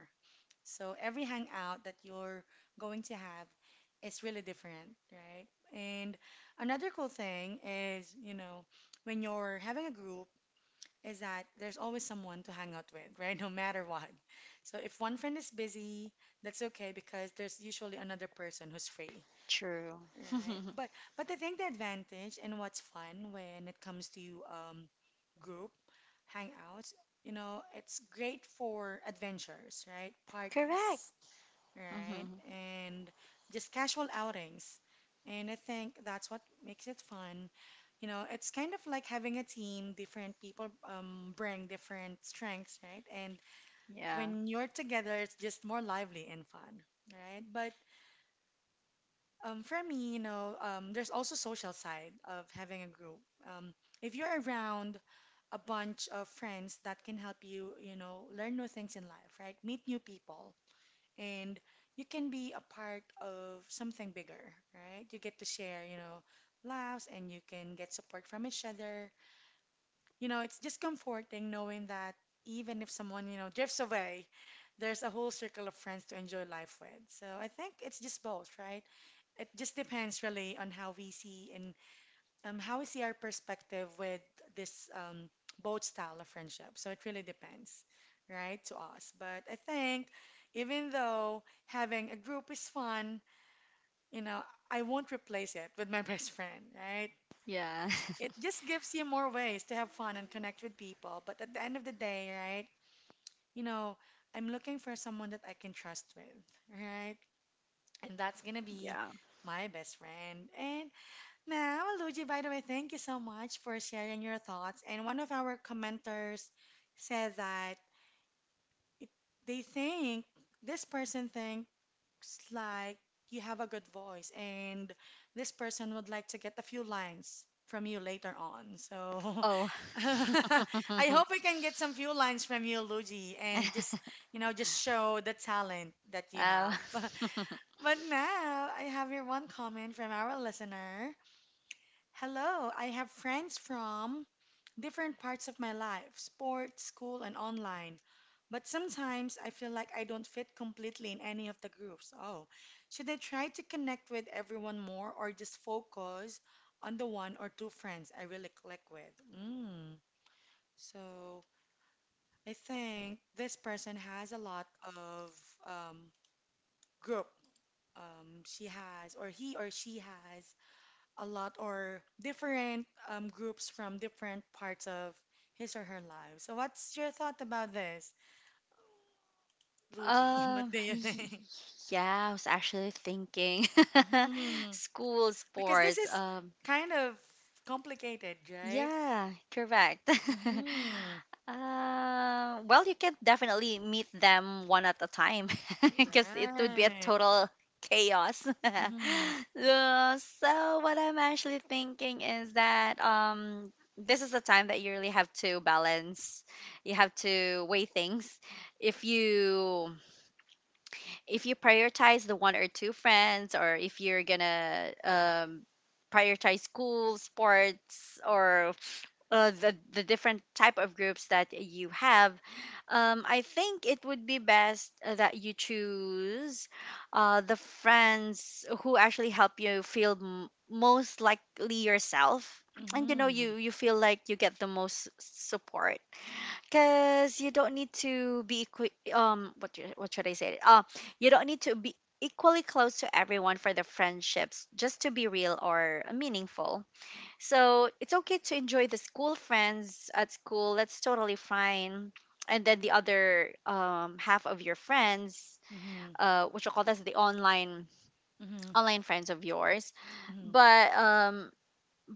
Speaker 1: So every hangout that you're going to have is really different, right? And another cool thing is, you know, when you're having a group, is that there's always someone to hang out with, right? No matter what. So if one friend is busy, that's okay because there's usually another person who's free.
Speaker 2: True.
Speaker 1: Right. But I think the advantage and what's fun when it comes to group hangouts, you know, it's great for adventures, right?
Speaker 2: Correct.
Speaker 1: Parties, right?
Speaker 2: Hmm.
Speaker 1: And just casual outings. And I think that's what makes it fun. You know, it's kind of like having a team, different people bring different strengths, right? And
Speaker 2: Yeah.
Speaker 1: when you're together, it's just more lively and fun, right? But for me, you know, there's also social side of having a group. Um, if you're around a bunch of friends that can help you, you know, learn new things in life, right? Meet new people, and you can be a part of something bigger, right? You get to share, you know, laughs, and you can get support from each other. You know, it's just comforting knowing that even if someone, you know, drifts away, there's a whole circle of friends to enjoy life with. So I think it's just both, right? It just depends really on how we see and how we see our perspective with this both style of friendship. So it really depends, right, to us. But I think even though having a group is fun, you know, I won't replace it with my best friend, right?
Speaker 2: Yeah.
Speaker 1: It just gives you more ways to have fun and connect with people. But at the end of the day, right, you know, I'm looking for someone that I can trust with, right? And that's gonna be
Speaker 2: Yeah.
Speaker 1: my best friend. And now, Luigi, by the way, thank you so much for sharing your thoughts. And one of our commenters said that they think this person thinks like you have a good voice, and this person would like to get a few lines from you later on. So
Speaker 2: Oh.
Speaker 1: I hope we can get some few lines from you, Luigi, and just, you know, just show the talent that you
Speaker 2: Um,
Speaker 1: have. But now I have here one comment from our listener. Hello, I have friends from different parts of my life, sports, school, and online. But sometimes I feel like I don't fit completely in any of the groups. Oh, should I try to connect with everyone more or just focus on the one or two friends I really click with? Mm. So I think this person has a lot of um, group. She has, or he or she has a lot or different groups from different parts of his or her life. So, what's your thought about this, Luigi? What
Speaker 2: um,
Speaker 1: do you
Speaker 2: y-
Speaker 1: think?
Speaker 2: yeah, I was actually thinking
Speaker 1: hmm
Speaker 2: school
Speaker 1: Because this
Speaker 2: sports.
Speaker 1: is kind of complicated, right?
Speaker 2: Yeah, correct.
Speaker 1: Mm-hmm.
Speaker 2: Well, you can definitely meet them one at a time because it would be a
Speaker 1: Right.
Speaker 2: total chaos.
Speaker 1: Mm-hmm.
Speaker 2: So what I'm actually thinking is that, this is the time that you really have to balance. You have to weigh things. If you if you prioritize the one or two friends, or if you're gonna, prioritize school sports, or, the different type of groups that you have, I think it would be best, that you choose, the friends who actually help you feel, most likely yourself, and you know
Speaker 1: Mm-hmm.
Speaker 2: you feel like you get the most support, because you don't need to be, what should I say? You don't need to be equally close to everyone for the friendships just to be real or meaningful. So it's okay to enjoy the school friends at school. That's totally fine. And then the other, half of your friends,
Speaker 1: Mm-hmm.
Speaker 2: what you call, that's the
Speaker 1: Mm-hmm.
Speaker 2: online friends of yours,
Speaker 1: Mm-hmm.
Speaker 2: but,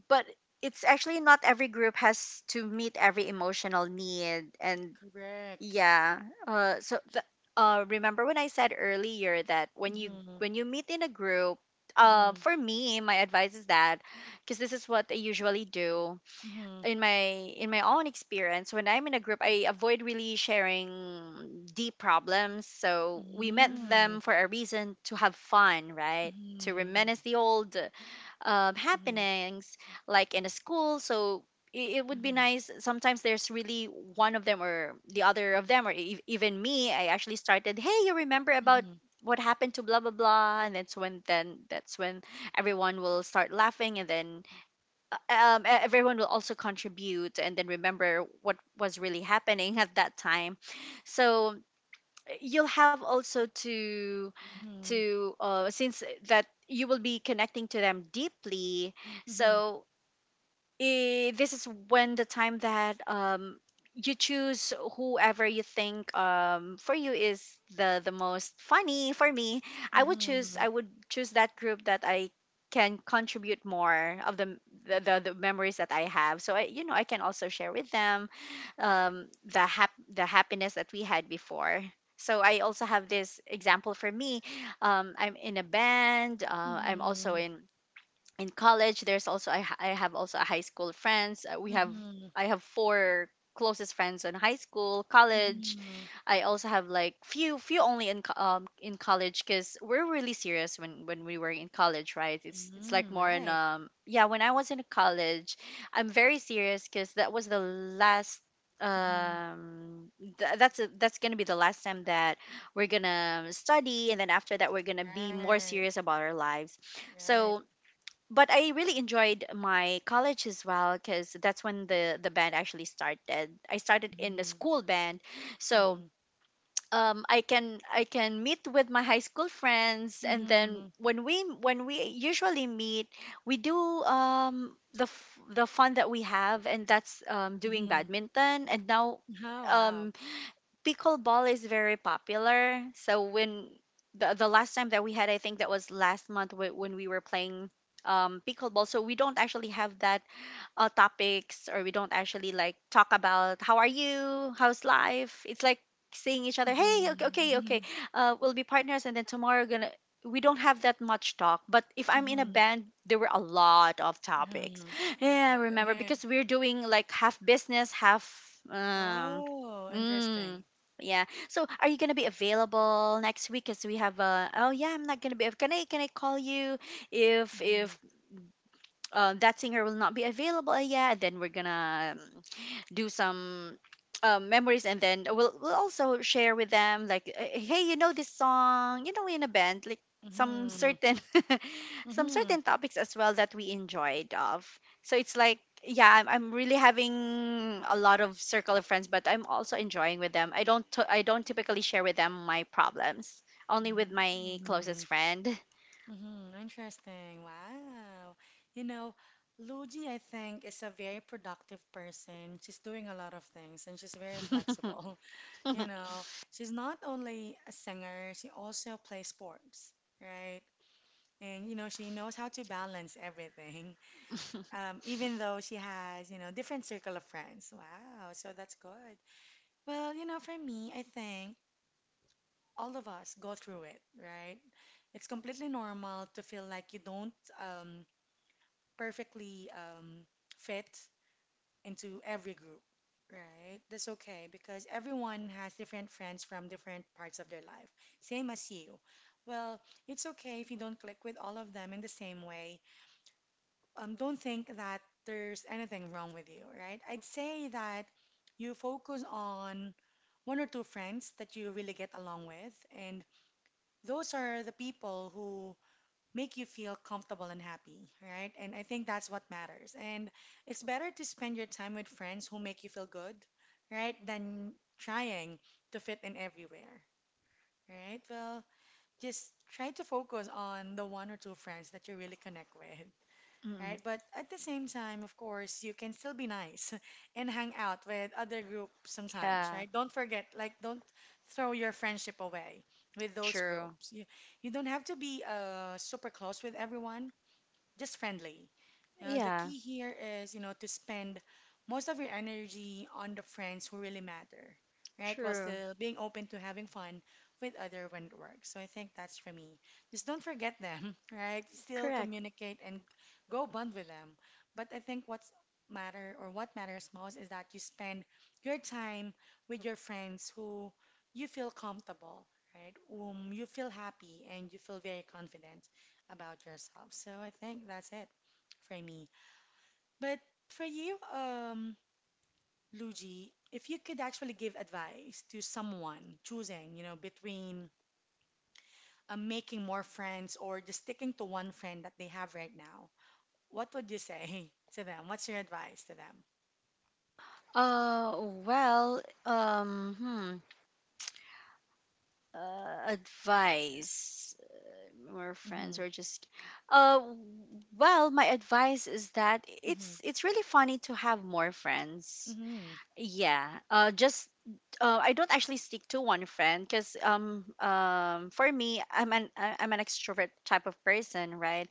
Speaker 2: but it's actually not every group has to meet every emotional need, and
Speaker 1: Correct.
Speaker 2: yeah. Uh, so th- remember when I said earlier that when you
Speaker 1: Mm-hmm.
Speaker 2: when you meet in a group,
Speaker 1: Mm-hmm.
Speaker 2: for me, my advice is that, because this is what I usually do
Speaker 1: Mm-hmm.
Speaker 2: in my in my own experience. When I'm in a group, I avoid really sharing deep problems. So we met
Speaker 1: Mm-hmm.
Speaker 2: them for a reason to have fun, right? To
Speaker 1: Mm-hmm.
Speaker 2: reminisce the old,
Speaker 1: Mm-hmm.
Speaker 2: happenings, like in a school. So, it would be nice, sometimes there's really one of them or the other of them, or, even me, I actually started, hey, you remember about
Speaker 1: Mm-hmm.
Speaker 2: what happened to blah blah blah, and that's when everyone will start laughing, and then, everyone will also contribute and then remember what was really happening at that time. So you'll have also to,
Speaker 1: Mm-hmm.
Speaker 2: since that you will be connecting to them deeply.
Speaker 1: Mm-hmm.
Speaker 2: So, this is when the time that, you choose whoever you think, for you, is the most funny. For me,
Speaker 1: Mm-hmm.
Speaker 2: I would choose that group that I can contribute more of the, the memories that I have, so I, you know, I can also share with them, the happiness that we had before. So I also have this example for me. I'm in a band. I'm also
Speaker 1: Mhm.
Speaker 2: in, college. There's also, I have also a high school friends. We have
Speaker 1: Mhm.
Speaker 2: I have four closest friends in high school college.
Speaker 1: Mhm.
Speaker 2: I also have like, few only in, in college, because we're really serious when we were in college, right? It's like
Speaker 1: Mhm.
Speaker 2: more in,
Speaker 1: Right.
Speaker 2: yeah, when I was in college I'm very serious, because that was the last,
Speaker 1: Mhm.
Speaker 2: that's gonna be the last time that we're gonna study, and then after that we're gonna be more
Speaker 1: Right,
Speaker 2: serious about our lives.
Speaker 1: right.
Speaker 2: So, but I really enjoyed my college as well, because that's when the band actually started. I started in the
Speaker 1: Mhm.
Speaker 2: school band, so,
Speaker 1: Mhm.
Speaker 2: I can meet with my high school friends, and then
Speaker 1: Mhm.
Speaker 2: when we usually meet, we do, the fun that we have, and that's, doing
Speaker 1: Mhm.
Speaker 2: badminton, and now.
Speaker 1: Oh, wow.
Speaker 2: Um, pickleball is very popular. So when the last time that we had, I think that was last month, when we were playing, pickleball. So we don't actually have that, topics, or we don't actually like talk about how are you, how's life. It's like saying each other,
Speaker 1: Mhm.
Speaker 2: hey, okay, okay, okay,
Speaker 1: Mhm.
Speaker 2: we'll be partners, and then tomorrow gonna. We don't have that much talk, but if I'm in a
Speaker 1: Mhm.
Speaker 2: band, there were a lot of topics.
Speaker 1: Hmm.
Speaker 2: Yeah, I remember,
Speaker 1: Right.
Speaker 2: because we're doing like half business, half, um,
Speaker 1: Oh,
Speaker 2: mm,
Speaker 1: interesting.
Speaker 2: yeah. So are you gonna be available next week? As we have a, oh yeah, I'm not gonna be. Can I call you if,
Speaker 1: Mhm.
Speaker 2: that singer will not be available yet, and then we're gonna, do some, memories, and then we'll also share with them like, hey, you know this song, in a band, like, some
Speaker 1: Mhm.
Speaker 2: certain some
Speaker 1: Mhm.
Speaker 2: certain topics as well that we enjoyed of. So it's like, yeah, I'm really having a lot of circle of friends, but I'm also enjoying with them. I don't typically share with them my problems, only with my closest
Speaker 1: Mhm.
Speaker 2: friend.
Speaker 1: Mm-hmm, interesting. Wow. You know, Luigi, I think, is a very productive person. She's doing a lot of things and she's very flexible. You know, she's not only a singer, she also plays sports, right? And, you know, she knows how to balance everything, even though she has, you know, different circle of friends. Wow, so that's good. Well, you know, for me, I think all of us go through it, right? It's completely normal to feel like you don't um, perfectly fit into every group, right? That's okay because everyone has different friends from different parts of their life, same as you. Well, it's okay if you don't click with all of them in the same way. Don't think that there's anything wrong with you, right? I'd say that you focus on one or two friends that you really get along with, and those are the people who make you feel comfortable and happy, right? And I think that's what matters. And it's better to spend your time with friends who make you feel good, right? Than trying to fit in everywhere, right? Well, just try to focus on the one or two friends that you really connect with.
Speaker 2: Mm,
Speaker 1: Right, but at the same time, of course, you can still be nice and hang out with other groups sometimes,
Speaker 2: yeah,
Speaker 1: right? Don't forget, like, don't throw your friendship away with those
Speaker 2: true.
Speaker 1: groups. You don't have to be super close with everyone, just friendly. You know, the
Speaker 2: Yeah,
Speaker 1: key here is, you know, to spend most of your energy on the friends who really matter, right? While
Speaker 2: true.
Speaker 1: still being open to having fun with other when it works. So I think that's for me. Just don't forget them, right? Still
Speaker 2: Correct.
Speaker 1: communicate and go bond with them. But I think what's matter or what matters most is that you spend your time with your friends who you feel comfortable, right? You feel happy and you feel very confident about yourself. So I think that's it for me. But for you, Luigi, if you could actually give advice to someone choosing, you know, between making more friends or just sticking to one friend that they have right now, what would you say to them? What's your advice to them?
Speaker 2: Uh, well, um, hmm, advice, more friends
Speaker 1: Mm-hmm.
Speaker 2: or just, uh, well, my advice is that
Speaker 1: Mm-hmm.
Speaker 2: it's really funny to have more friends.
Speaker 1: Mm-hmm.
Speaker 2: Yeah. Just I don't actually stick to one friend because for me I'm I'm an extrovert type of person, right?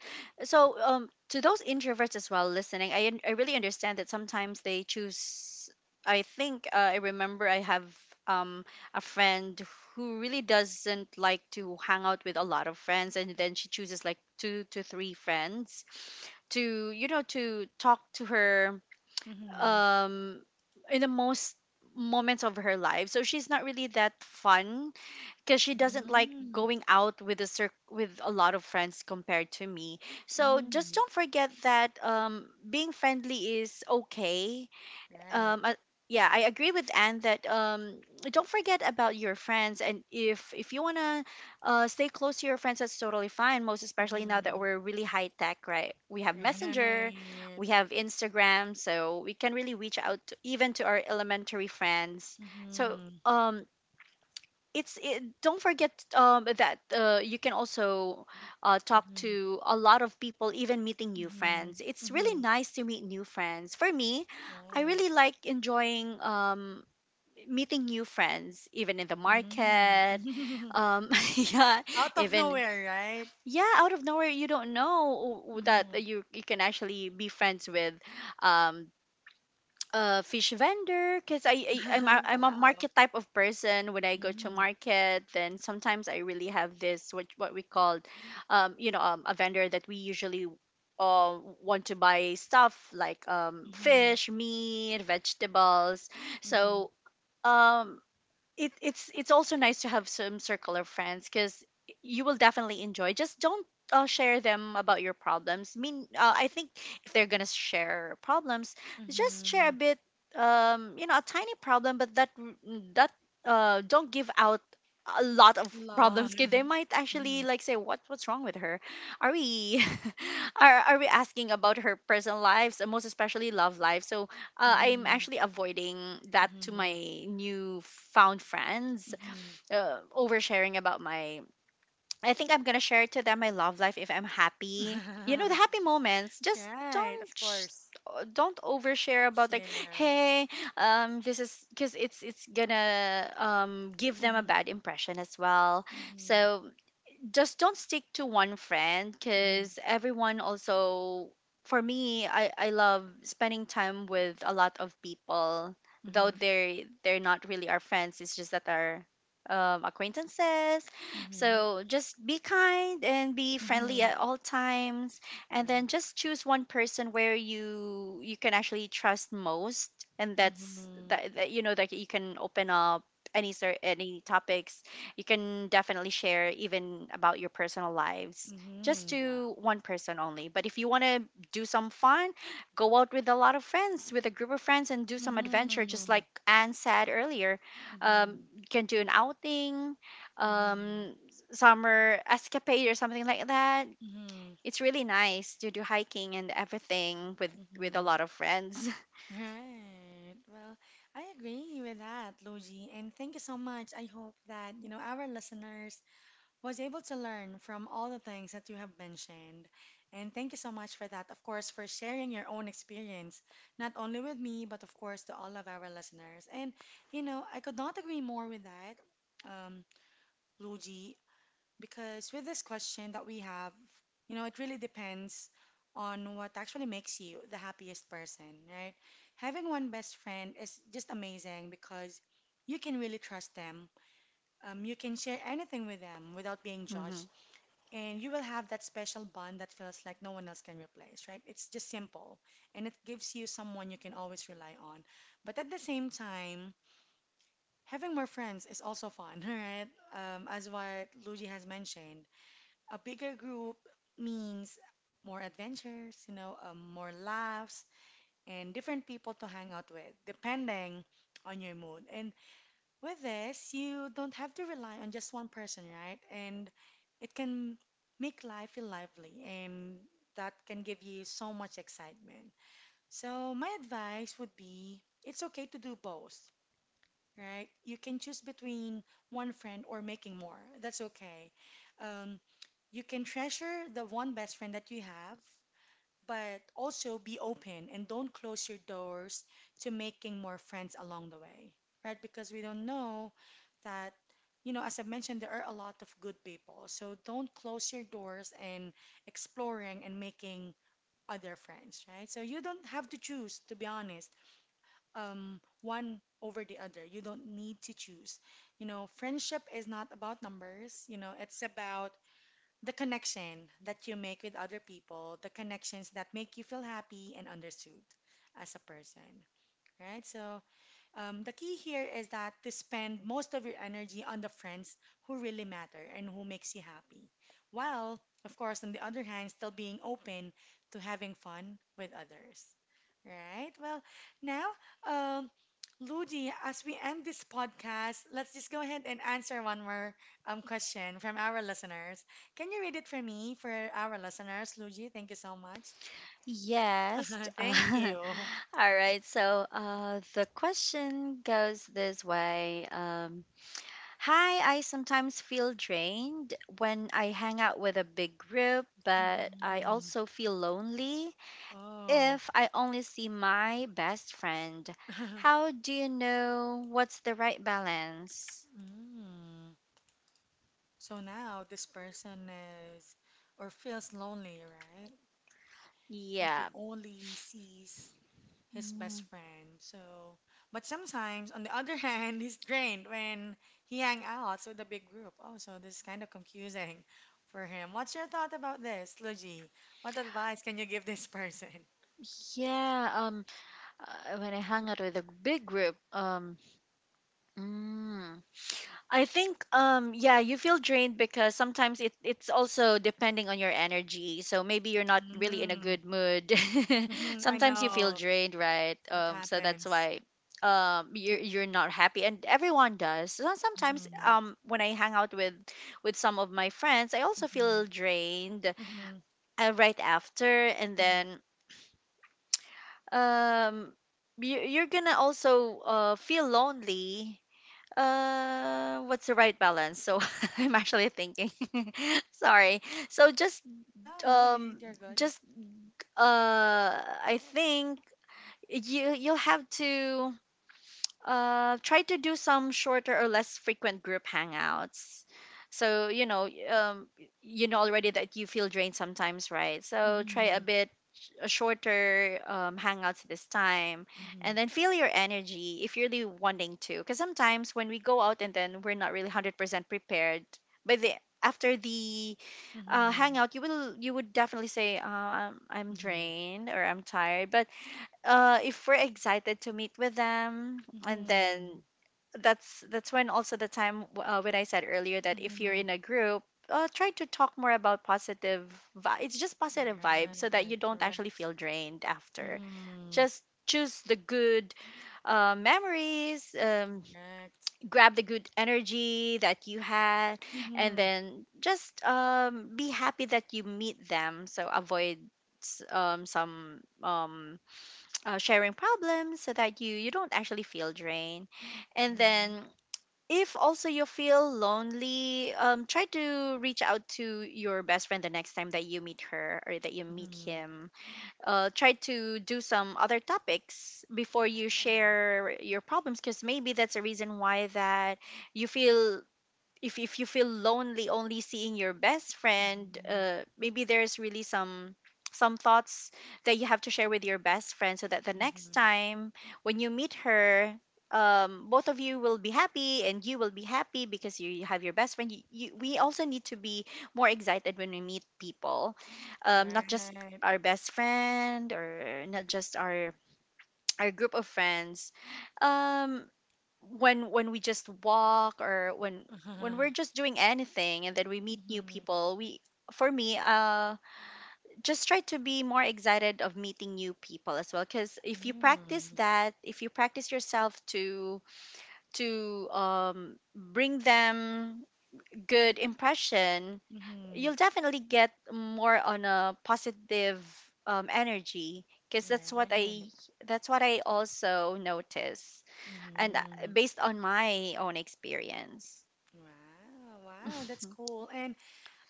Speaker 1: Right.
Speaker 2: So to those introverts as well listening, I really understand that sometimes they choose. I think I remember I have um a friend who really doesn't like to hang out with a lot of friends, and then she chooses like two to three friends to to talk to her
Speaker 1: Mm-hmm.
Speaker 2: um in the most moments of her life, so she's not really that fun because she doesn't like
Speaker 1: Mm-hmm.
Speaker 2: going out with with a lot of friends compared to me. So just
Speaker 1: Mm-hmm.
Speaker 2: don't forget that being friendly is okay.
Speaker 1: Right.
Speaker 2: um uh, yeah, I agree with Anne that don't forget about your friends, and if you want to stay close to your friends, that's totally fine, most especially now that
Speaker 1: Mm-hmm.
Speaker 2: we're really high tech, right? We have Messenger,
Speaker 1: Right.
Speaker 2: we have Instagram, so we can really reach out to, even to our elementary friends. So
Speaker 1: Mm-hmm.
Speaker 2: um it's it, don't forget that you can also talk
Speaker 1: Mm-hmm.
Speaker 2: to a lot of people. Even meeting new
Speaker 1: Mm-hmm.
Speaker 2: friends, it's really
Speaker 1: Mm-hmm.
Speaker 2: nice to meet new friends. For me, I
Speaker 1: Right.
Speaker 2: really like enjoying meeting new friends, even in the
Speaker 1: Mm.
Speaker 2: market. um, yeah,
Speaker 1: Out of
Speaker 2: even,
Speaker 1: nowhere, right?
Speaker 2: yeah, out of nowhere. You don't know that
Speaker 1: Mm-hmm.
Speaker 2: you can actually be friends with um, a fish vendor, because I'm I'm a
Speaker 1: Wow.
Speaker 2: market type of person. When I go to
Speaker 1: Mm-hmm.
Speaker 2: market, then sometimes I really have this what we called, a vendor that we usually want to buy stuff like
Speaker 1: Mm-hmm.
Speaker 2: fish, meat, vegetables.
Speaker 1: Mm-hmm.
Speaker 2: So um it's also nice to have some circle of friends, because you will definitely enjoy. Just don't share them about your problems. Mean, I think if they're gonna share problems, just share a
Speaker 1: Mm-hmm.
Speaker 2: bit, a tiny problem, but that mm, that don't give out a lot of problems,
Speaker 1: Lot.
Speaker 2: because they
Speaker 1: Mm-hmm.
Speaker 2: might actually like say what's wrong with her, are we are we asking about her personal lives, and most especially love life. So I'm
Speaker 1: Mm-hmm.
Speaker 2: actually avoiding that to my
Speaker 1: Mm-hmm.
Speaker 2: new found friends,
Speaker 1: Mm-hmm.
Speaker 2: oversharing about my. I think I'm gonna share to them my love life if I'm happy. You know, the happy moments. Just
Speaker 1: Right,
Speaker 2: don't.
Speaker 1: of course.
Speaker 2: Don't overshare about like
Speaker 1: Yeah.
Speaker 2: hey this is because it's gonna give them a
Speaker 1: Mm-hmm.
Speaker 2: bad impression as well.
Speaker 1: Mm-hmm.
Speaker 2: So just don't stick to one friend,
Speaker 1: Mm-hmm.
Speaker 2: because everyone also, for me, I love spending time with a lot of people, though
Speaker 1: Mm-hmm.
Speaker 2: they're not really our friends, it's just that our acquaintances.
Speaker 1: Mm-hmm.
Speaker 2: So just be kind and be friendly
Speaker 1: Mm-hmm.
Speaker 2: at all times, and then
Speaker 1: Right.
Speaker 2: just choose one person where you can actually trust most, and that's
Speaker 1: Mm-hmm.
Speaker 2: that, you know, that you can open up any sort, any topics. You can definitely share even about your personal lives, just
Speaker 1: Mm-hmm. Wow.
Speaker 2: to one person only. But if you want to do some fun, go out with a lot of friends, with a group of friends, and do some
Speaker 1: Mm-hmm.
Speaker 2: adventure, just
Speaker 1: Mm-hmm.
Speaker 2: like Anne said earlier.
Speaker 1: Mm-hmm.
Speaker 2: You can do an outing, um, summer escapade or something like that.
Speaker 1: Mm-hmm.
Speaker 2: It's really nice to do hiking and everything with a
Speaker 1: Mm-hmm.
Speaker 2: lot of friends.
Speaker 1: Right. Well, I agree with that, Luigi, and thank you so much. I hope that, you know, our listeners was able to learn from all the things that you have mentioned. And thank you so much for that, of course, for sharing your own experience, not only with me, but of course to all of our listeners. And, you know, I could not agree more with that, um, Luigi. Because with this question that we have, you know, it really depends on what actually makes you the happiest person, right? Having one best friend is just amazing because you can really trust them. You can share anything with them without being
Speaker 2: Hmm.
Speaker 1: judged, and you will have that special bond that feels like no one else can replace, right? It's just simple, and it gives you someone you can always rely on. But at the same time, having more friends is also fun, right? As what Luigi has mentioned a bigger group means more adventures, you know, more laughs, and different people to hang out with, depending on your mood. And with this, you don't have to rely on just one person, right? And it can make life feel lively, and that can give you so much excitement. So, my advice would be it's okay to do both, right? You can choose between one friend or making more. That's okay. Um, you can treasure the one best friend that you have, but also be open and don't close your doors to making more friends along the way, right? Because we don't know that, you know, as I mentioned, there are a lot of good people. So don't close your doors and exploring and making other friends, right? So you don't have to choose, to be honest, one over the other. You don't need to choose. You know, friendship is not about numbers, you know, it's about the connection that you make with other people, the connections that make you feel happy and understood as a person, right? So the key here is that to spend most of your energy on the friends who really matter and who makes you happy. While, of course, on the other hand, still being open to having fun with others. Right? Well, now, um, Ludi, as we end this podcast, let's just go ahead and answer one more question from our listeners. Can you read it for me, for our listeners, Luigi? Thank you so much.
Speaker 2: Yes.
Speaker 1: Thank you.
Speaker 2: All right, so the question goes this way. Hi, I sometimes feel drained when I hang out with a big group, but I
Speaker 1: Mhm.
Speaker 2: also feel lonely
Speaker 1: Oh.
Speaker 2: if I only see my best friend. How do you know what's the right balance?
Speaker 1: Mm. So now this person is or feels lonely, right? If he
Speaker 2: Yeah.
Speaker 1: only sees his best
Speaker 2: Mm.
Speaker 1: friend. So, but sometimes on the other hand, he's drained when he hang out with a big group. Oh, so this is kind of confusing for him. What's your thought about this, Luigi? What advice can you give this person?
Speaker 2: Yeah, um, when I hang out with a big group, mm, I think yeah, you feel drained because sometimes it's also depending on your energy. So maybe you're not really in a
Speaker 1: Mm.
Speaker 2: good mood.
Speaker 1: I
Speaker 2: Sometimes you feel
Speaker 1: know
Speaker 2: drained, right?
Speaker 1: that
Speaker 2: So that's
Speaker 1: happens.
Speaker 2: why you're not happy, and everyone does. So sometimes
Speaker 1: Mm-hmm.
Speaker 2: when I hang out with some of my friends, I also
Speaker 1: Mm-hmm.
Speaker 2: feel drained
Speaker 1: Mm-hmm.
Speaker 2: right after. And
Speaker 1: Mm-hmm.
Speaker 2: then um you're gonna also feel lonely. What's the right balance? So I'm actually thinking. Sorry. So just
Speaker 1: No, go ahead.
Speaker 2: um
Speaker 1: You're good.
Speaker 2: just I think you you'll have to try to do some shorter or less frequent group hangouts. So, you know, you know already that you feel drained sometimes, right? So try a
Speaker 1: Mhm.
Speaker 2: bit a shorter hangouts this time,
Speaker 1: Mhm.
Speaker 2: and then feel your energy if you're really wanting to. Because sometimes when we go out, and then we're not really 100% prepared, by the after the
Speaker 1: Mhm.
Speaker 2: hangout, you will, you would definitely say, I'm
Speaker 1: Mhm.
Speaker 2: drained or I'm tired. But if we're excited to meet with them, and then
Speaker 1: Mhm.
Speaker 2: that's when also the time when I said earlier, that if you're in
Speaker 1: Mhm.
Speaker 2: a group, try to talk more about positive it's just positive vibes, so that you
Speaker 1: Right.
Speaker 2: don't actually
Speaker 1: Correct.
Speaker 2: feel drained after.
Speaker 1: Mhm.
Speaker 2: Just choose the good memories,
Speaker 1: Correct.
Speaker 2: grab the good energy that you had, and
Speaker 1: Mhm.
Speaker 2: then just be happy that you meet them. So avoid s- some sharing problems, so that you don't actually feel drained. And then
Speaker 1: Mhm.
Speaker 2: if also you feel lonely, try to reach out to your best friend the next time that you meet her or that you meet
Speaker 1: Mhm.
Speaker 2: him. Try to do some other topics before you
Speaker 1: Right.
Speaker 2: share your problems, because maybe that's a reason why that you feel, if you feel lonely only seeing your best friend,
Speaker 1: Mhm.
Speaker 2: maybe there's really some thoughts that you have to share with your best friend, so that the next
Speaker 1: Mhm.
Speaker 2: time when you meet her, both of you will be happy, and you will be happy because you have your best friend. We also need to be more excited when we meet people, not just
Speaker 1: Right.
Speaker 2: our best friend, or not just our group of friends. um when we just walk, or when we're
Speaker 1: Mhm.
Speaker 2: just doing anything, and then we meet new
Speaker 1: Mhm.
Speaker 2: people, we for me, just try to be more excited of meeting new people as well. Because if you practice
Speaker 1: Mhm.
Speaker 2: that, if you practice yourself to bring them good impression,
Speaker 1: Mhm.
Speaker 2: you'll definitely get more on a positive energy, because
Speaker 1: Right.
Speaker 2: that's what I also notice, and
Speaker 1: Mhm.
Speaker 2: based on my own experience.
Speaker 1: Wow, wow, that's cool. And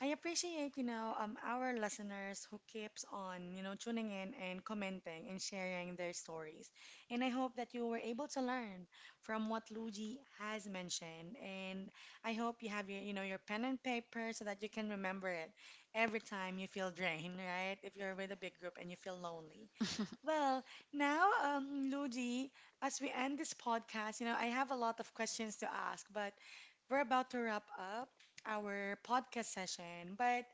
Speaker 1: I appreciate, you know, our listeners who keeps on, you know, tuning in and commenting and sharing their stories. And I hope that you were able to learn from what Luigi has mentioned. And I hope you have your, you know, your pen and paper so that you can remember it every time you feel drained, right? If you're with a big group and you feel lonely. Well, now, Luigi, as we end this podcast, you know, I have a lot of questions to ask, but we're about to wrap up our podcast session. But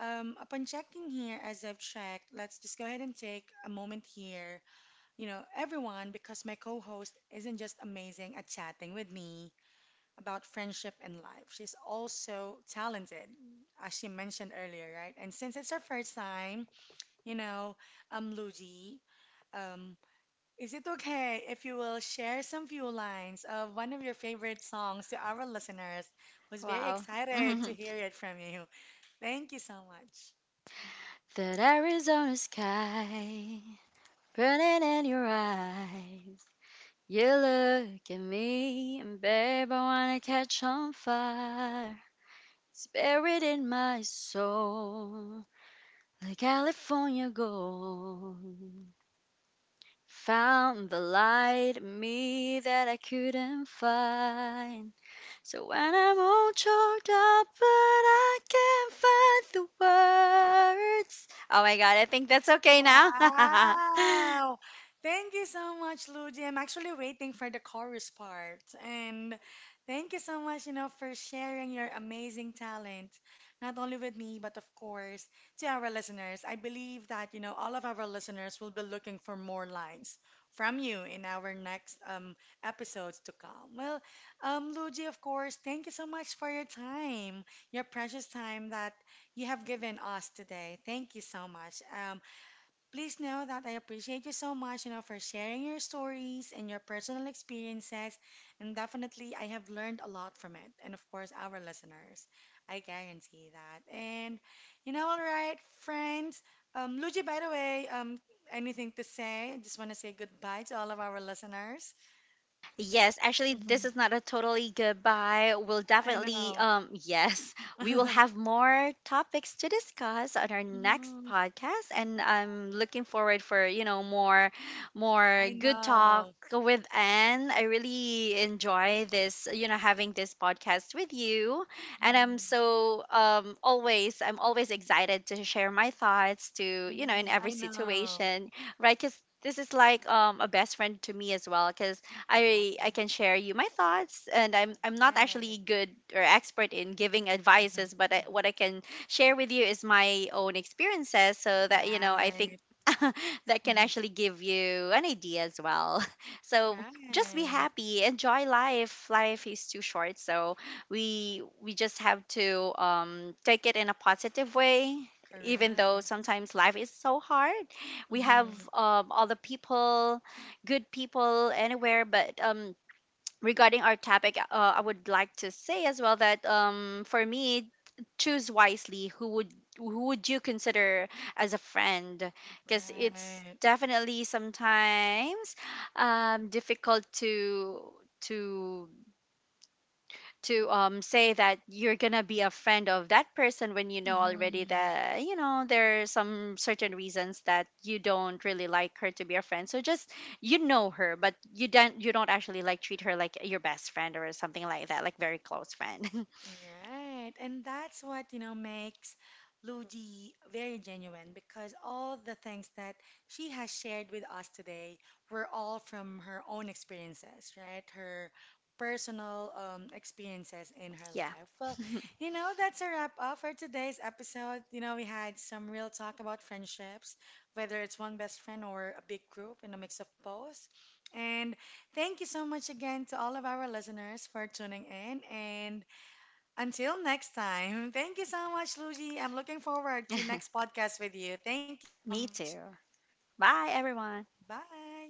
Speaker 1: upon checking here, as I've checked, let's just go ahead and take a moment here, you know, everyone, because my co-host isn't just amazing at chatting with me about friendship and life. She's also talented, as she mentioned earlier, right? And since it's her first time, you know, Luigi. Um, is it okay if you will share some few lines of one of your favorite songs to our listeners? Was very
Speaker 2: Wow.
Speaker 1: excited to
Speaker 2: Mhm.
Speaker 1: hear it from you. Thank you so much.
Speaker 2: That Arizona sky burning in your eyes. You look at me, and babe, I wanna catch on fire. It's buried in my soul, like California gold. Found the light in me that I couldn't find. So when I'm all choked up, but I can't find the words. Oh my god, I think that's okay now.
Speaker 1: Wow! Thank you so much, Luigi. I'm actually waiting for the chorus part. And thank you so much, you know, for sharing your amazing talent, not only with me, but of course, to our listeners. I believe that, you know, all of our listeners will be looking for more lines from you in our next episodes to come. Well, Luigi, of course, thank you so much for your time, your precious time that you have given us today. Thank you so much. Please know that I appreciate you so much, you know, for sharing your stories and your personal experiences. And definitely, I have learned a lot from it. And of course, our listeners. I guarantee that. And, you know, all right, friends. Luigi, by the way, anything to say? I just want to say goodbye to all of our listeners.
Speaker 2: Yes, actually, this
Speaker 1: Mhm.
Speaker 2: is not a totally goodbye. We'll
Speaker 1: I
Speaker 2: definitely,
Speaker 1: know.
Speaker 2: yes, we will have more topics to discuss on our next
Speaker 1: Mhm.
Speaker 2: podcast, and I'm looking forward for, you know, more, more
Speaker 1: I
Speaker 2: good talk
Speaker 1: know.
Speaker 2: with Anne. I really enjoy this, you know, having this podcast with you, and I'm
Speaker 1: Mhm.
Speaker 2: so always, I'm always excited to share my thoughts to, you know, in
Speaker 1: Mhm.
Speaker 2: every
Speaker 1: I know.
Speaker 2: situation, right? Because this is like a best friend to me as well, because I
Speaker 1: Exactly.
Speaker 2: can share you my thoughts, and I'm not
Speaker 1: Right.
Speaker 2: actually good or expert in giving advices, but what I can share with you is my own experiences, so that, you know, I think
Speaker 1: Right.
Speaker 2: that can
Speaker 1: Mhm.
Speaker 2: actually give you an idea as well. So just be
Speaker 1: Right.
Speaker 2: happy, enjoy life. Life is too short, so we just have to take it in a positive way. Even though
Speaker 1: Correct.
Speaker 2: sometimes life is so hard, we have
Speaker 1: Mhm.
Speaker 2: all the people, good people anywhere. But regarding our topic, I would like to say as well that for me, choose wisely. Who would you consider as a friend? Because it's
Speaker 1: Right.
Speaker 2: definitely sometimes difficult to to to say that you're gonna be a friend of that person, when you know already
Speaker 1: Mhm.
Speaker 2: that, you know, there are some certain reasons that you don't really like her to be a friend. So just you know her, but you don't actually like treat her like your best friend or something like that, like very close friend.
Speaker 1: Right. And that's what, you know, makes Luigi very genuine because all the things that she has shared with us today were all from her own experiences, right? Her personal experiences in her
Speaker 2: Yeah.
Speaker 1: life. Well, you know, that's a wrap up for today's episode. You know, we had some real talk about friendships, whether it's one best friend or a big group and a mix of both. And thank you so much again to all of our listeners for tuning in and until next time, thank you so much, Luigi. I'm looking forward to next podcast with you. Thank you so
Speaker 2: Me
Speaker 1: much.
Speaker 2: too. Bye everyone.
Speaker 1: Bye.